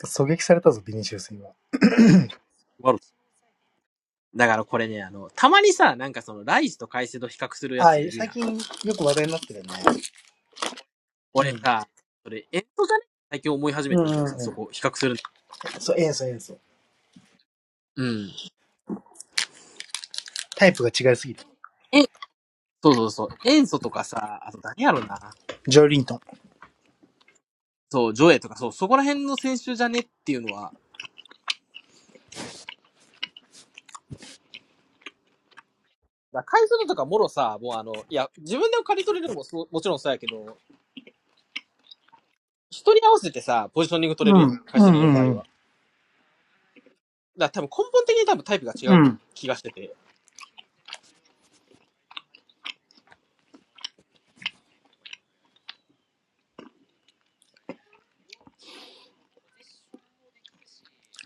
狙撃されたぞ、ビニシウス今。あう。わかるだからこれね、あの、たまにさ、なんかその、ライズとカイセド比較するやあ、ついる最やん。近よく話題になってるよ俺ね。さ、それ、エンドじゃね最近思い始うめん。うてんんうけんどうさ、そん。こ比較するんだ。そう、ええそう。ソ、エうん。タイプが違いすぎる。え、そうそうそう。塩素とかさ、あと何やろな。ジョーリントン。そう、ジョエとか、そう、そこら辺の選手じゃねっていうのは。だから海藻のとかもろさ、もうあの、いや、自分でも刈り取れるのもそうもちろんそうやけど、人に合わせてさ、ポジショニング取うれるん。うやん。ん海う藻のん場合うは。だん。から多分根本的に多分タイプがう違うん。気がしてて。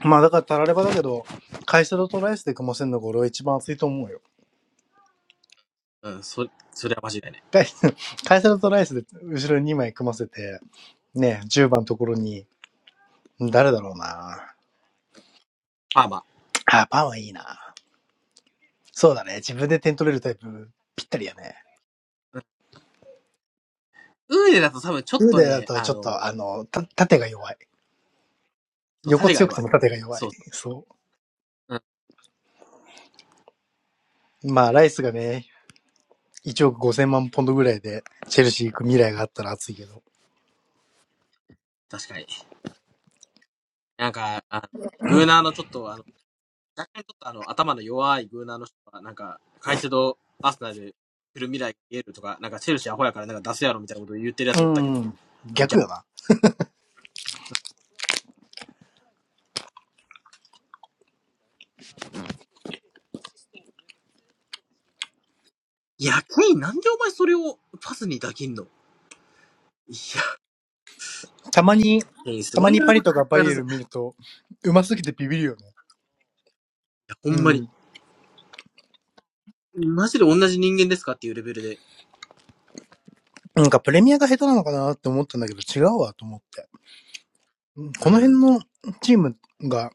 まあだから、たらればだけど、会社のトライスで組ませんのが俺は一番熱いと思うよ。うん、そ、それは間違いない。カイカイセル とライスで後ろに2枚組ませて、ね、10番のところに、誰だろうな。パーマ。あ、パンはいいな。そうだね。自分で点取れるタイプ、ぴったりやね。うんウーデだと多分ちょっウーとデだね、とあちょっの、と、あの、た縦が弱い。そう横縦が強くて弱い。も縦が弱い。そう、そうん、う。まあ、ライスがね、1億5000万ポンドぐらいで、チェルシー行く未来があったら熱いけど。確かに。なんか、あのグーナーのちょっとあの、若干ちょっとあの、頭の弱いグーナーの人が、なんか、カイセド、アーセナルで来る未来が見えるとか、なんかチェルシーアホやからなんか出せやろみたいなこと言ってるやうつおったけど、ん。逆逆よな。いや、ケインなんでお前それをパスに抱きんのいや、たまに、ケインすたごまいになぁパリ相とかバ変わイらエず。ルいン見ると、うますぎてビビるよね。や、ほうんまんに。マジで同じ人間ですかっていうレベルで。なんかプレミアが下手なのかなって思ったんだけど違うわと思って。こうの辺ん。のチームが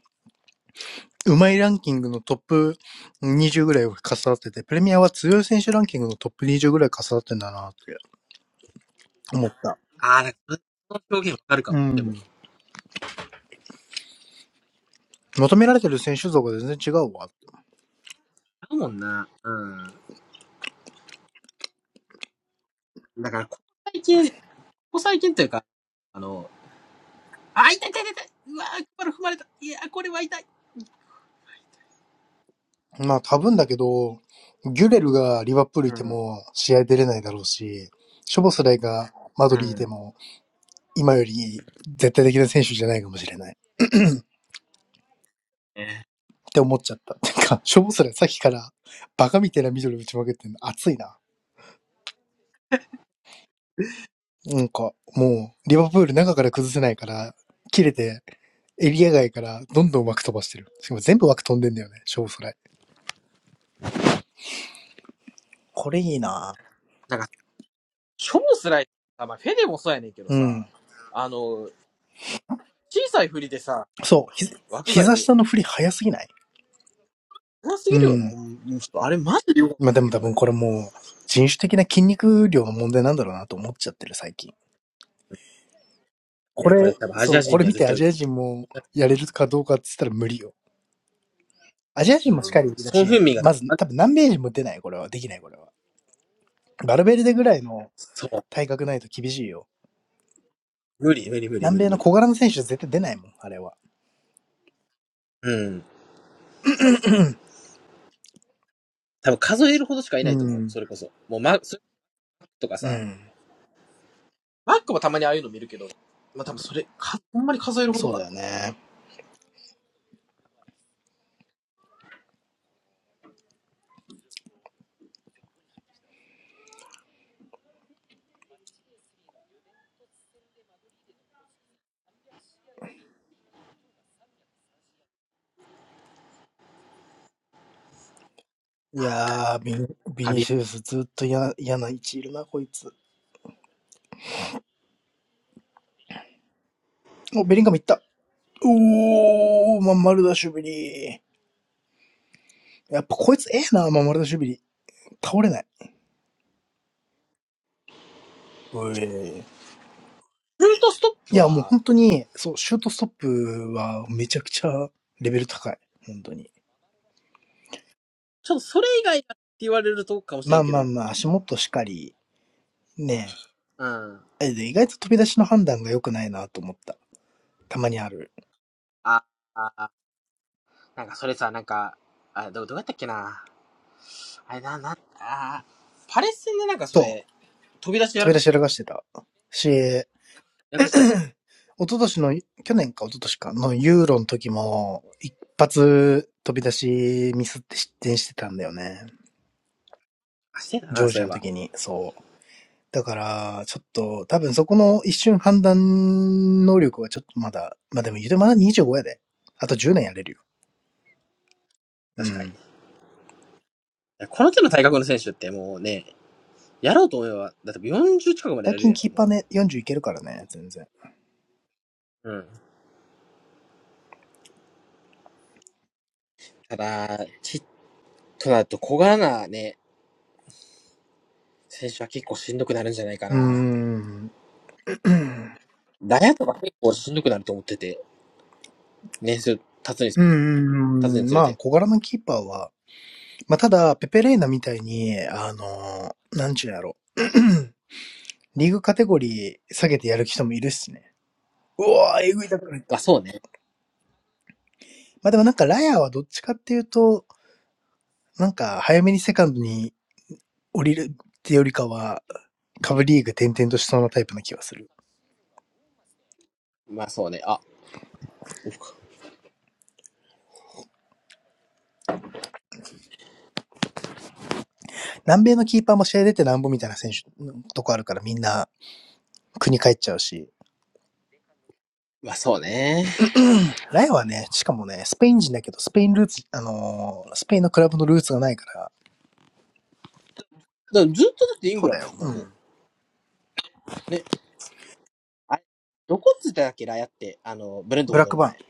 うまいランキングのトップ20ぐらいを重なってて、プレミアは強い選手ランキングのトップ20ぐらい重なってんだなって思った。あー、なんか、その表現わかるかうも。でん。も、求められてる選手像が全然違うわだもんな。うん。だから、ここ最近、ここ最近というか、あの、あ、痛い痛い痛い痛い。うわー、クバル踏まれた。いやー、これは痛い。まあ多分だけど、ギュレルがリバプールいうてん。も試合出れないだろうし、ショボスライがマドうリーんでも今より絶対的な選手じゃないかもしれない。ね。って思っちゃった。なんか、しょぼそれさっきから、バカみたいなミドル打ちまくってんの熱いな。なんか、もう、リバプール中から崩せないから、切れて、エリア外からどんどん枠飛ばしてる。しかも全部枠飛んでんだよね、しょぼそれ。これいいななんか、超辛い。あ、まあ、フェデもそうやねんけどうさ、ん。あの、小さい振りでさ、そう、ひ、枠外膝に、下の振り早すぎないうますぎうるよな。ほん。んちょっとあれマジでよくわかっまあでたもけ多ど、あ分れ。これもう、人種的な筋肉量の問題なんだろうなと思っちゃってる、最近。いこや、これ、れ多分アジそう、アこ人れには見絶てア対打ジてアる。人もやれるかどうかって言ったら無理よ。アジア人うもしっん。かりいだソン・し、フンミンが多ま分、ず多分南米人も出ない、これは。できない、これは。バルベルデぐらいのそう。体格ないと厳しいよ。無理、無理、無理、南無理、米の無理。小柄な選手絶対出ないもん、あれは。うん。多分数えるほどしかいうないと思う。ん。それこそ。もう、マックとかうさ、ん。マックもたまにああいうの見るけど、まあ、多分それ、か、ほんまに数えるほどそうかだな。よね。いやー、ビニビハニビアシウスずっと嫌な嫌な位置いるな、こいつ。お、ベリンガムいった。おー、まんまるだシュビリー。やっぱこいつええな、まんまるだシュビリー。倒れない。うえーン。シュートストッいプや、もうは、本当に、そう、シュートストップはめちゃくちゃレベル高い。本当に。ちょっとそれ以外だって言われるとこかもしまれあんけまあど。まあ、足元しかり、ねうん。え。えで意外と飛び出しの判断が良くないなと思った。たまにある。あ、あ、なんかそれさ、なんか、あ、どう、どうやったっけな。あれな、な、あー、パレス戦でなんかそそう。れ、飛び出しや飛らびか出し、しやらかしてた。し、一やらかしてた、昨年の、去年か一昨年かのユーロの時も、一発飛び出しミスって失点してたんだよね。あ、してたジョな、ーそジうアいえのば。時に、そう。だから、ちょっと、多分そこの一瞬判断能力はちょっとまだ、まあでも言うてまだ25やで。あと10年やれるよ。う確かに。いん。やこの手の体格の選手ってもうね、やろうと思えば、だって40近くまでや最れる近やキん、ーパーもね、40いけるからね、全然。う。うん。ただ、ちっとだと小柄なね、選手は結構しんどくなるんじゃないかうーな。ん。ダヤとか結構しんどくなると思ってて、年数経つに、うー経つにん。つれまあ、て。小柄なキーパーは、まあ、ただ、ペペレーナみたいに、あのー、なんちゅうやろ。リーグカテゴリー下げてやる人もいるっすね。うわー、えぐいたくなっまあた。そうね。まあでもなんか、ラヤはどっちかっていうと、なんか、早めにセカンドに降りるってよりかは、カブリーグ転々としそうなタイプの気がする。まあそうね。あ、オフか南米のキーパーも試合出てなんぼみたいな選手のとこあるからみんな国帰っちゃうし、まあそうね。ライはね、しかもね、スペイン人だけど、スペインルーツ、あのースペインのクラブのルーツがないから、だからずっとだってインそグうランだドよ。やんな、うもう。ん。ね。あれ、どこつっただっけラヤって、あの、ブレントブフォラーッドクのバーン。前。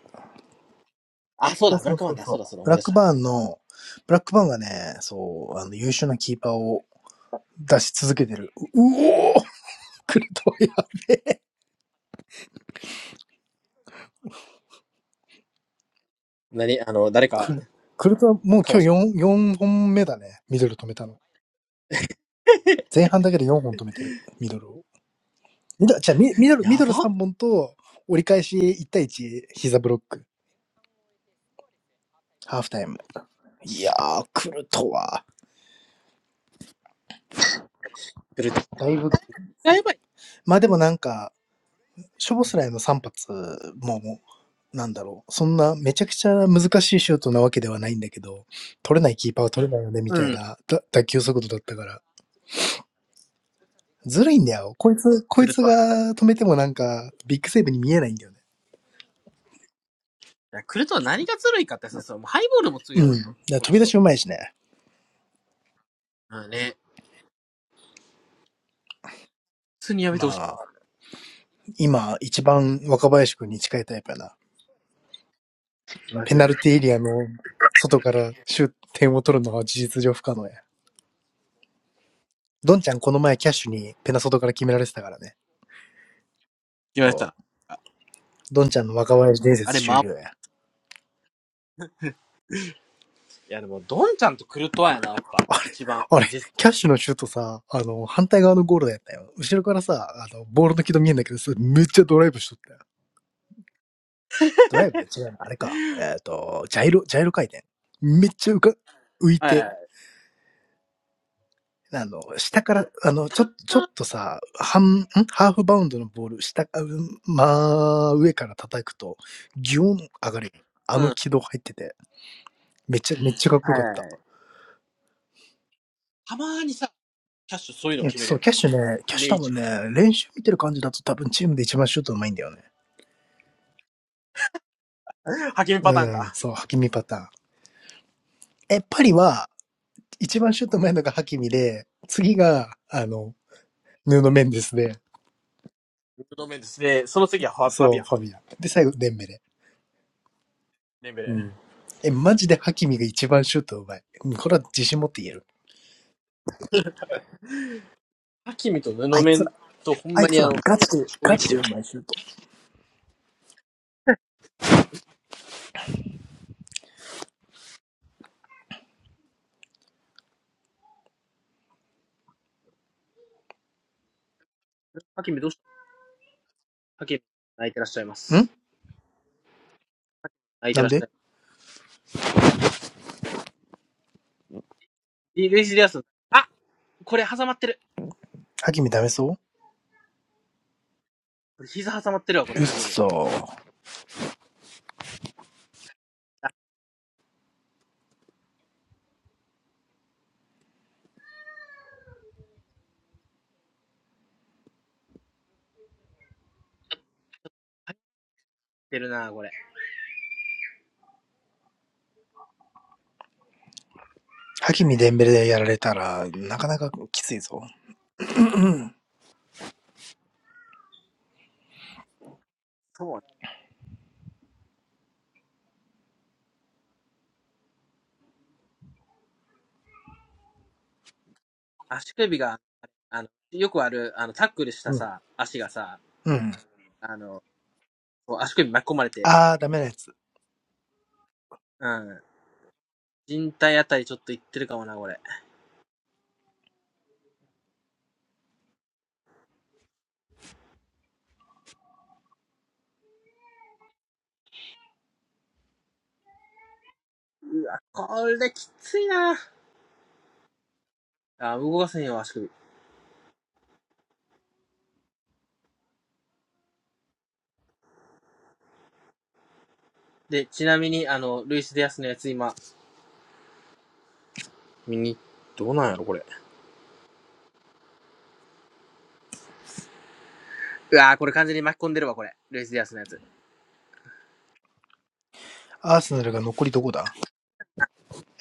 あ、そうそうだ、ブそラッうクマそンうだ、そう。そうだ、そうだ、ブ思いラッ出しクた。バーンの、ブラックバーンがね、そう、あの、優秀なキーパーを出し続けてる。うおークルトワや。何あの、誰か、クルクルトはもう今か日 ました。4, 四本目だね。ミドル止めたの。前半だけで4本止めてる。ミドルを。ミドル、じゃあミミドル、ミやドル3ば本と、折り返し1対1、膝ブロック。ハーフタイム。いやー、クルトは。クルトだいぶワ。やばい。ま、あでもなんか、ショボスライの3発も、もう、なんだろう、そんなめちゃくちゃ難しいシュートなわけではないんだけど、取れないキーパーは取れないよねみうたいん。な、だ打球速度だったから。ずるいんだよ。こいつこクいルつトワ。が止めてもなんか、ビッグセーブに見えないんだよね。いやクルトワ何がずるいかってさ、そう、もうハイボールもう強いん。やん。だ、こ飛のび出し人。うまいしね。うんね。普通にやめてまほしあ、今一番若林君に近いタイプやな。い。ま間違ペいナない。ルティーエリアの外からシュ点を取るのは事実上不可能や。ドンちゃんこの前キャッシュにペナ外から決められてたからね。言わそれう。たら。あドンちゃんの若林伝あれ、説ま終あ、了や。いやでも、ドンちゃんとクルトワやな、やっぱ。あれ、一番。あだれ、実キャッシュのシュートさ、あの、反対側のゴールだったよ。後ろからさ、あの、ボールの軌道見えんだけど、それめっちゃドライブしとったよ。ドライブ違うのあれか。えっ、と、ジャイロ、ジャイロ回転。めっちゃ浮か、浮いはいはいて、あの、下から、あの、ちょ、ちょはっい。とさ、半、んハーフバウンドのボール、下、うんまあ、上から叩くと、ギューン上がるよ。あうん。のは軌道入ってて、めっちゃ、めっちゃかっいこはよかっいた。はい。たまーにさ、キャッシュそういうのいや、決めるそう、よな。キャッシュね、キャッシねえュ多一。分ね、練習見てる感じだと多分チームで一番シュートうまいんだよね。派遣パうターンん、か。そう、ハキミパターン。え、パリは、一番シュートうまいのがハキミで、次が、あの、ヌーうんノ・メンデスで、布面ですンで、その次はファファビそう、アン、ファビアン。で、最後、デンベレ。デンベうレ。ん。え、マジでハキミが一番シュートうまい。うんこれは自信持って言える。ハキミと布あいつ面ら、とほんあいまつにあの、ら、ガチで、衝ガ撃力チでで。うまいシュート。ハキミどうしたハキミ、泣いてらっしゃいます。ん泣いてならんっしゃでいます。ルイスディアス、あこれ挟まってる。ハキミダメそ膝挟まってるわ、こううれ、っハキミ。そ。入ってるな、これ。ハキミデンベレでやられたら、なかなかきついぞ。そう。足首が、あの、よくある、あの、タックルしたうん。さ、足がさ、うん。あの、こう足首巻き込まれて、あー、ダメなやつ。うん。人体あたりちょっといってるかもな、これ。これきついなあ、動かせんよ、足首。で、ちなみに、あの、ルイス・ディアスのやつ今、右、どうなんやろ、これ。うわーこれ完全に巻き込んでるわ、これ。ルイス・ディアスのやつ。アーセナルが残りどこだ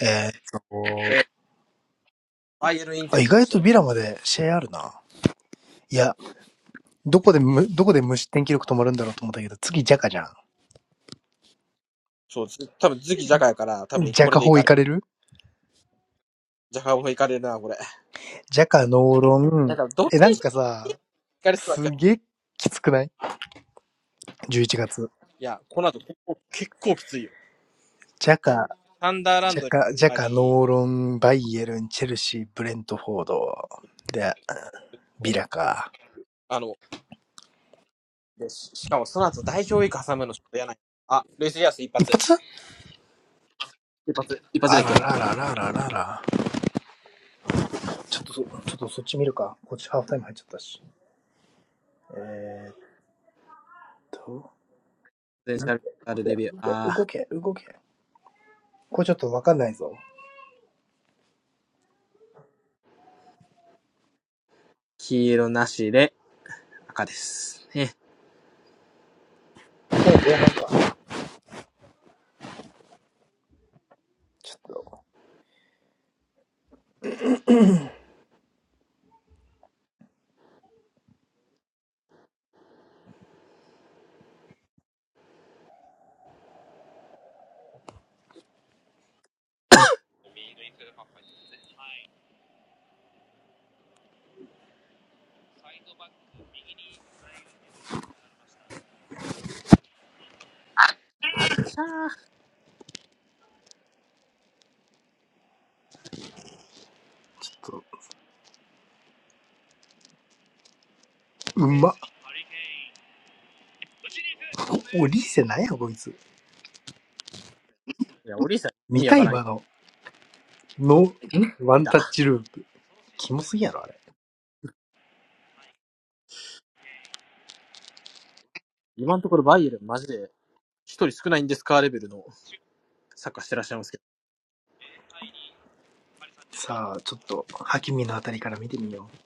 えーっと、えー、バイエルインテあ、意ル残外してとる。ビラまで試合あるな。いや、どこでむ、どこで無失点記録止まるんだろうと思ったけど、次ジャカじゃそうです。多分、次ジャカやから、多ん。分、ジャこれカでい法か行れかる。れるジャカオフいかれるな、これ。ジャカ、ノーロなんン。か、どっえ、ちなにんしろ、かさ、いかれそうだけすど。げえきつくない ?11 月。いや、この後、結構、結構きついよ。ジャカ、サンダーラジンャドに、カ、ジャあカ、ノり、ーロン、バイエルン、チェルシー、ブレントフォード。で、ビラか。あの、でししかも、その後、代表ウィーク挟むのちょっと嫌ない。あ、ルイス・ディアス一一発。発一発、一発あでら消えた。らららららら。ちょっとそ、ちょっとそっち見るか。こっちハーフタイム入っちゃったし。えー、っと、ポテンシ動ャルデけ、ビュー。動け、あ動ー、け、動け。これちょっとわかんないぞ。もう黄色なしで赤です。ね。前か。ちょっと、あっちゃー。ちょっと、うまっ。お、リーセなんやこいつ。いや、オリーさん意見味わたからん。今の。の、ワ見ンた。タッチループ。キモすぎやろ、あれ。今のところバイエルンマジで一人少ないんですかレベルのサッカーしてらっしゃいますけど。さあ、ちょっと、ハキミのあたりから見てみよう。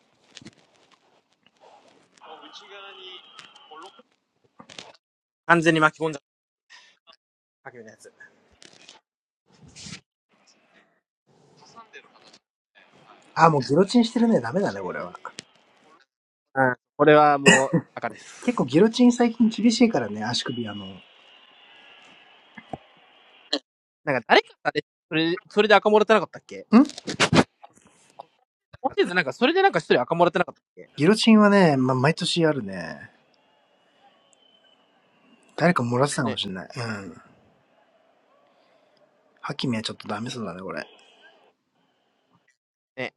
完全に巻き込んじゃった。かけのやつ。あ、もうギロチンしてるね。ダメだね、これは。うん。これはもう赤で結構す。ギロチン最近厳しいからね、足首あの。んなんか誰かさ、れそれ、それで赤もらってなかったっけ今シーズンなんかそれでなんか一人赤もらってなかったっけギロチンはね、まあ、毎年あるね。誰か漏らしたかもね。しれない。うん。ハキミはちょっとダメそうだね、これ。ね。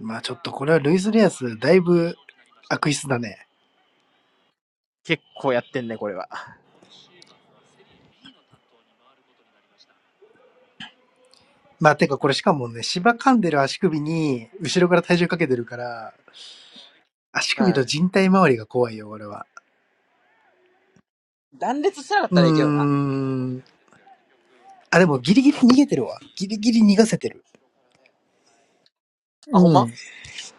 まあちょっとこれはルイス・レアス、だいぶ悪質だね。結構やってんね、これは。まあてかこれしかもね、芝噛んでる足首に後ろから体重かけてるから、足う首ん。と人体周りが怖いよ、俺は。断裂してなかっうたーらいいけどな。ん。あ、でもギリギリ逃げてるわ。ギリギリ逃がせてる。あ、ほんうまん。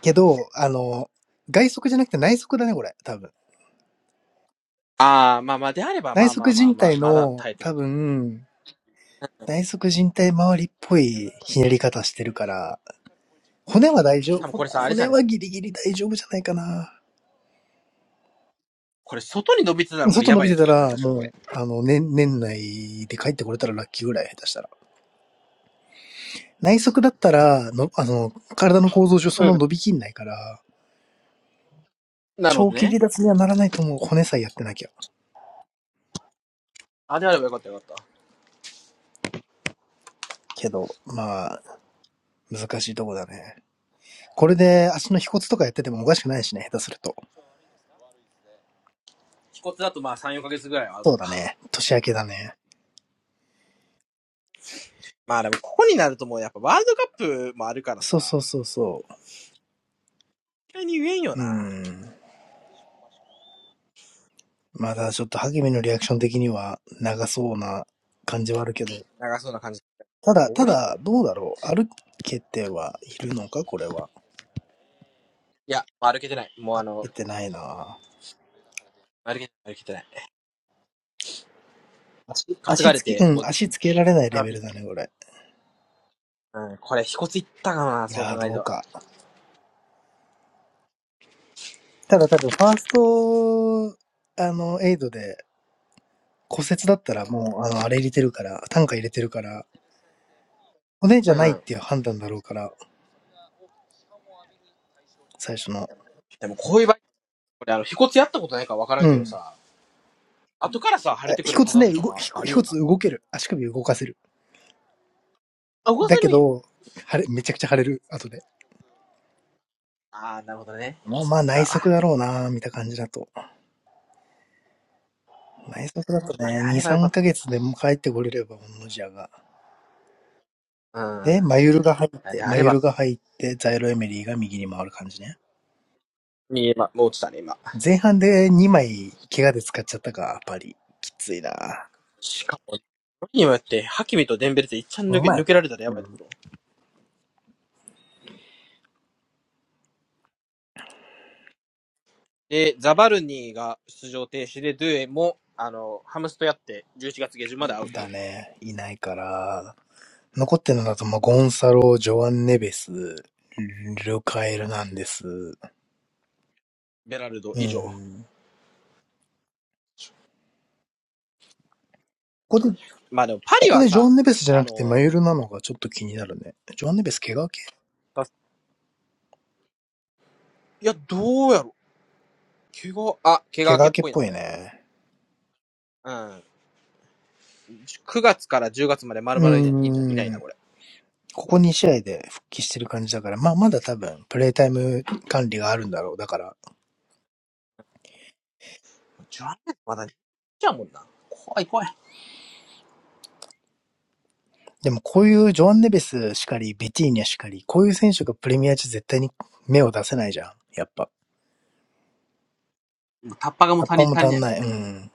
けど、あの、外側じゃなくて内側だね、これ。多分。ああ、まあまあ、であれば、ま内あま側あまあ人まあ、体まだの、耐えてる。多分、内側人体周りっぽいひねり方してるから、骨は大丈夫。多分骨これさ、あれじゃ骨ないですはか。ギリギリ大丈夫じゃないかな。これ外に伸びてたらこれ外や伸ばびいやてたつやんな、ら、確かもこう、れ。あの、年、年内で帰ってこれたらラッキーぐらい、下手したら。内側だったら、の、あの、体の構造上そうんなん。伸びきんないから、なるほ長ど期ね。離脱にはならないと思う。骨さえやってなきゃ。あ、であればよかったよかった。けど、まあ、難しいとこだね。これで足の腓骨とかやっててもおかしくないしね、下手すると。気骨だとまあ3、4ヶ月ぐらいはそとうか。だね。年明けだね。まあでも、ここになるともうやっぱワールドカップもあるからそうさ、そうそうそ意外に言えんよう。うな。ん。まだちょっと、ハゲミのリアクション的には長そうな感じはあるけど。長そうな感じ。ただ、た俺、いだ、どうだろう。歩けてはいるのかこれは。や、歩けてない。もうあ歩の、けてないなぁ歩けてない、歩けてない。担足がれつけ、うて、ん、もう、足つけられないレベルだね、これ。うん、これ、飛骨いったかな、いそうやー、考えるどうと。か。ただ多分、ファースト、あの、エイドで骨折だったらもう、あの、あれ入れてるから、単価入れてるから、骨じゃうないっん。ていう判断だろうから、最初の。でもこういう場合、これあの、飛骨やったことないからわからんうけどん。さ、後からさ、腫あれてくる腓パター骨ンね、とか動、も飛あ骨るよう骨な。動ける。足首動かせる。あ、動かだせけるんや。ど、腫れ、めちゃくちゃ腫れる、後で。あーなるほどね。やっまぱあそまっあ内側か。だろうなぁ、みたいな感じだと。内側だとまあ、でね、あ2、ればよか3っヶ月でも帰ってこれれば、同じやが。た。うん。で、マユルが入っあて、であマれユば。ルが入って、ザイロエメリーが右に回る感じね。見えま、もう落ちたね、今。前半で2枚、怪我で使っちゃったか、やっぱり。きついな。しかも、よにもやって、ハキミとデンベレっていっちゃんほ抜んけ、まや抜けらで。れたらやうばいとこん。ろ。で、ザバルニーが出場停止で、ドゥエも、あの、ハムスとやって、11月下旬までアウだト。ね。いないから。残ってるのだと、まあ、ゴンサロ、ジョアン・ネベス、ルカエルなんです。ベラルドう以上。ん。ここで、まあでも、パこリこはでジョさ、アン・ネベスじゃあなくてマの、ユルなのがちょっと気になるね。ジョアン・ネベス怪我系いや、どうやろ。怪我、あ、怪我怪明我け明っけっぽいな、ぽこいれ。ね。うん。9月から10月まで丸う々いないいないいないーな、ん。これ。ここ2試合で復帰してる感じだから、まあまだ多分プレイタイム管理があるんだろう。だから、10月まだ、じゃあもんな。怖い怖い。でもこういうジョアン・ネベスしかり、ビティーニャしかり、こういう選手がプレミア中絶対に目を出せないじゃん。やっぱ。もうタッパがもう葉っ足ぱりも足り足なんいもん。ない。うん。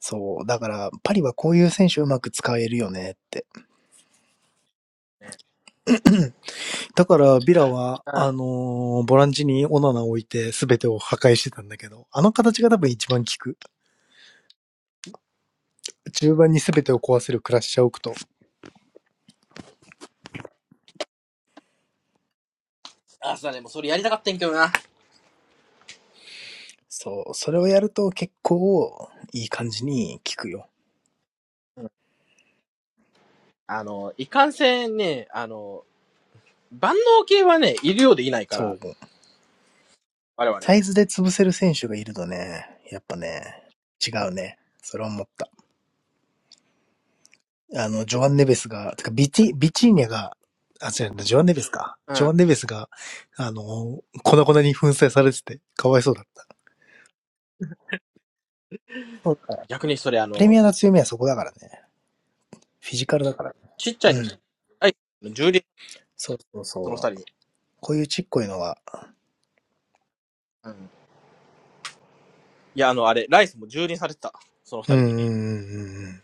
そう。だから、パリはこういう選手をうまく使えるよねって。ね、だから、ビラは、うん。あのーボランチにオナナを置いて全てを破壊してたんだけど、あの形が多分一番効く。中盤に全てを壊せるクラッシャーを置くと、あ、そうだね。もうそれやりたかったんやけどな。うんそう、それをやると結構いい感じに効くよ。あの、いかんせんね、あの、万能系はね、いるようでいないかそら、う。我々。サイズで潰せる選手がいるとね、やっぱね、違うね。それは思った。あの、ジョアン・ネベスが、てかビチ、ビチーニャが、あ、違う、ジョアン・ネベスか。うジョん。アン・ネベスが、あの、粉々に粉砕されてて、かわいそうだった。そうか。逆にそれ、あプレミの、アの強みはそこだからね。フィジカルだから。ちっちゃいのう二人、ん。ライスの蹂躙、そうそうその二そ人う。に。こういうちっこいのはうん。いや、あの、あれ、ライスも蹂躙されてた。その二う人んうんに。うんうんうん。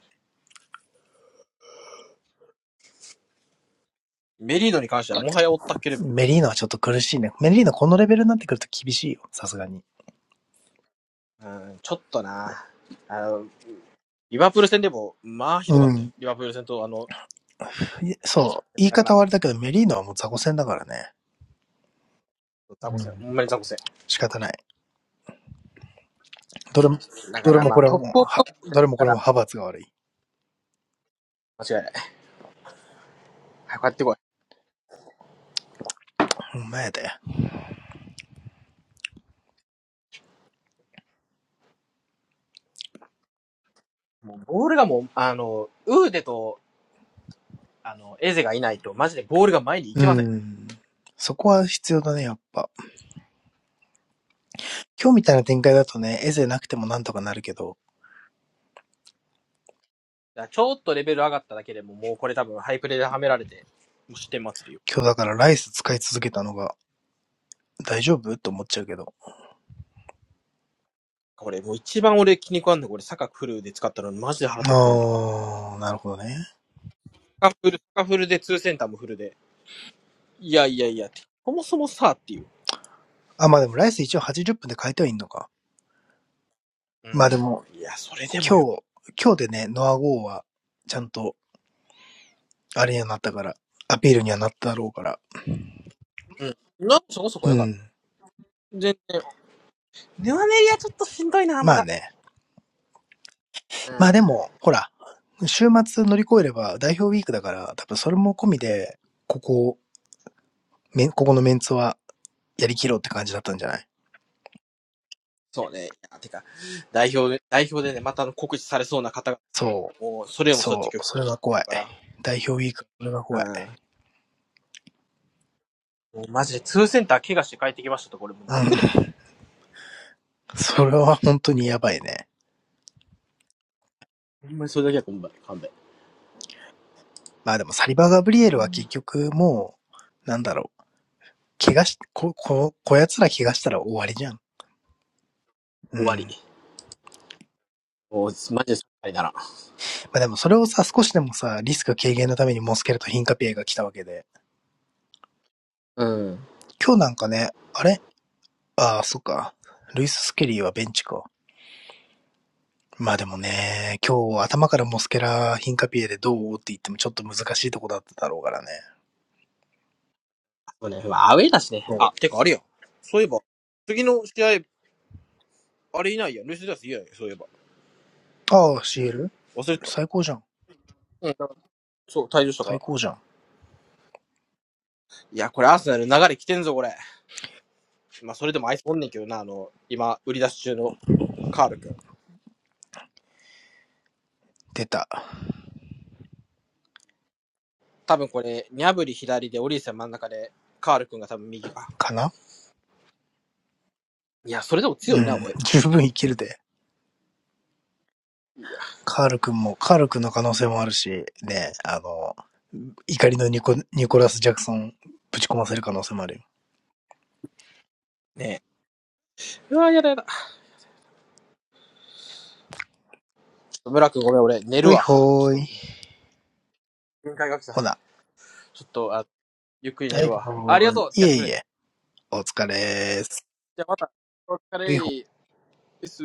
メリードに関してはもはや追ったっけレベル。メリーノはちょっと苦しいね。メリーノこのレベルになってくると厳しいよ、さすがに。うん、ちょっとな。あの、リバプール戦でも、まあ、ひどかうったよ。ん。リバプール戦と、あの、そう。言いだから、方はあれだけど、メリーノはもう雑魚戦だからね。ザうコ戦、ん。ほんまにザコ戦。仕方ない。どれも、だかどれら、もまあ、これトッもプオフは、どれもこれも派閥が悪い。間違いない。早く帰ってこうん、前だよ。い。もう、ボールがもう、あの、ウーデとあの、エゼがいないと、マジでボールが前に行うけません。だかん。そこは必要だね、やっぱ。今日みたいな展開だとね、エゼなくてもなんとかなるけど、らちょっとレベル上がっただけでも、もうこれ多分ハイプレではめられて、もう失点祭りよ。今日だからライス使い続けたのが大丈夫と思っちゃうけど。これもう一番俺気に食わんのこれ、サカフルで使ったのにマジで腹立ってんねん、今。あー、なるほどね。サカフル、サカフルでツーセンターもフルで。いやいやいやって。そもそもさ、っていう。あ、まあでもライス一応80分で変えてはいいのか。うまあでん。も、いや、それでもよ。今日、今日でね、ノア号は、ちゃんと、あれにはなったから、アピールにはなっただろうから。うん。なんそこそこうよかった。ん。全然。ヌアメリアちょっとしんどいな、ままあだ。ね。うまあでん。も、ほら、週末乗り越えれば代表ウィークだから、多分それも込みで、ここ、めここのメンツはやりきろうって感じだったんじゃないそうね。いや、てか、代表で、代表でね、またあの告知されそうな方が、そう。もう、それもそうやってそ今う。日、それがて怖るい。から。代表ウィーク、それが怖い。うん。もうマジで、ツーセンター怪我して帰ってきましたとこれもうう泣ん。く で。それは本当にやばいね。ほんまにそれだけは今晩、勘弁。まあでもサリバー・ガブリエルは結局もう、なんだろう。怪我し、こ、こ、こやつら怪我したら終わりじゃん。う終わん。り。もう、マジでそっかりなら。まあでもそれをさ、少しでもさ、リスク軽減のためにモスケルとヒンカピエが来たわけで。うん。今日なんかね、あれああ、そっか。ルイス・スケリーはベンチか。まあでもね、今日頭からモスケラ、ヒンカピエでどうって言ってもちょっと難しいとこだっただろうからね。そうね、まあアウェイだしね。そあ、てかあれや。そういえば、次の試合、あれいないや。ルシダスいやや、そういえば。う。ああ、シーエル？忘れてた。最高じゃん。うん。そう、退場したから。最高じゃん。いや、これアーセナル流れ来てんぞ、これ。まあ、それでもあいつおんねんけどな、あの、今、売り出し中のカール君。出た。多分これ、ニャブリ左で、オリーセン真ん中で、カール君が多分右か。かないや、それでもう強いな、ん。おい。十分いけるで。カール君も、カール君の可能性もあるし、ね、あの、怒りのニコニコラス・ジャクソンぶち込ませる可能性もあるよ。ねえ。うわ、やだやだ。ムラ君ごめん、俺、寝るういわ。ほちーょっい。と、限界が来た。ほな。ちょっと、あ、ゆっくりは寝るい、ほわ。ありがーい。とう付きい合っえてくいれえ、て。お疲れーす。じゃあまた、お疲ういほーいれです。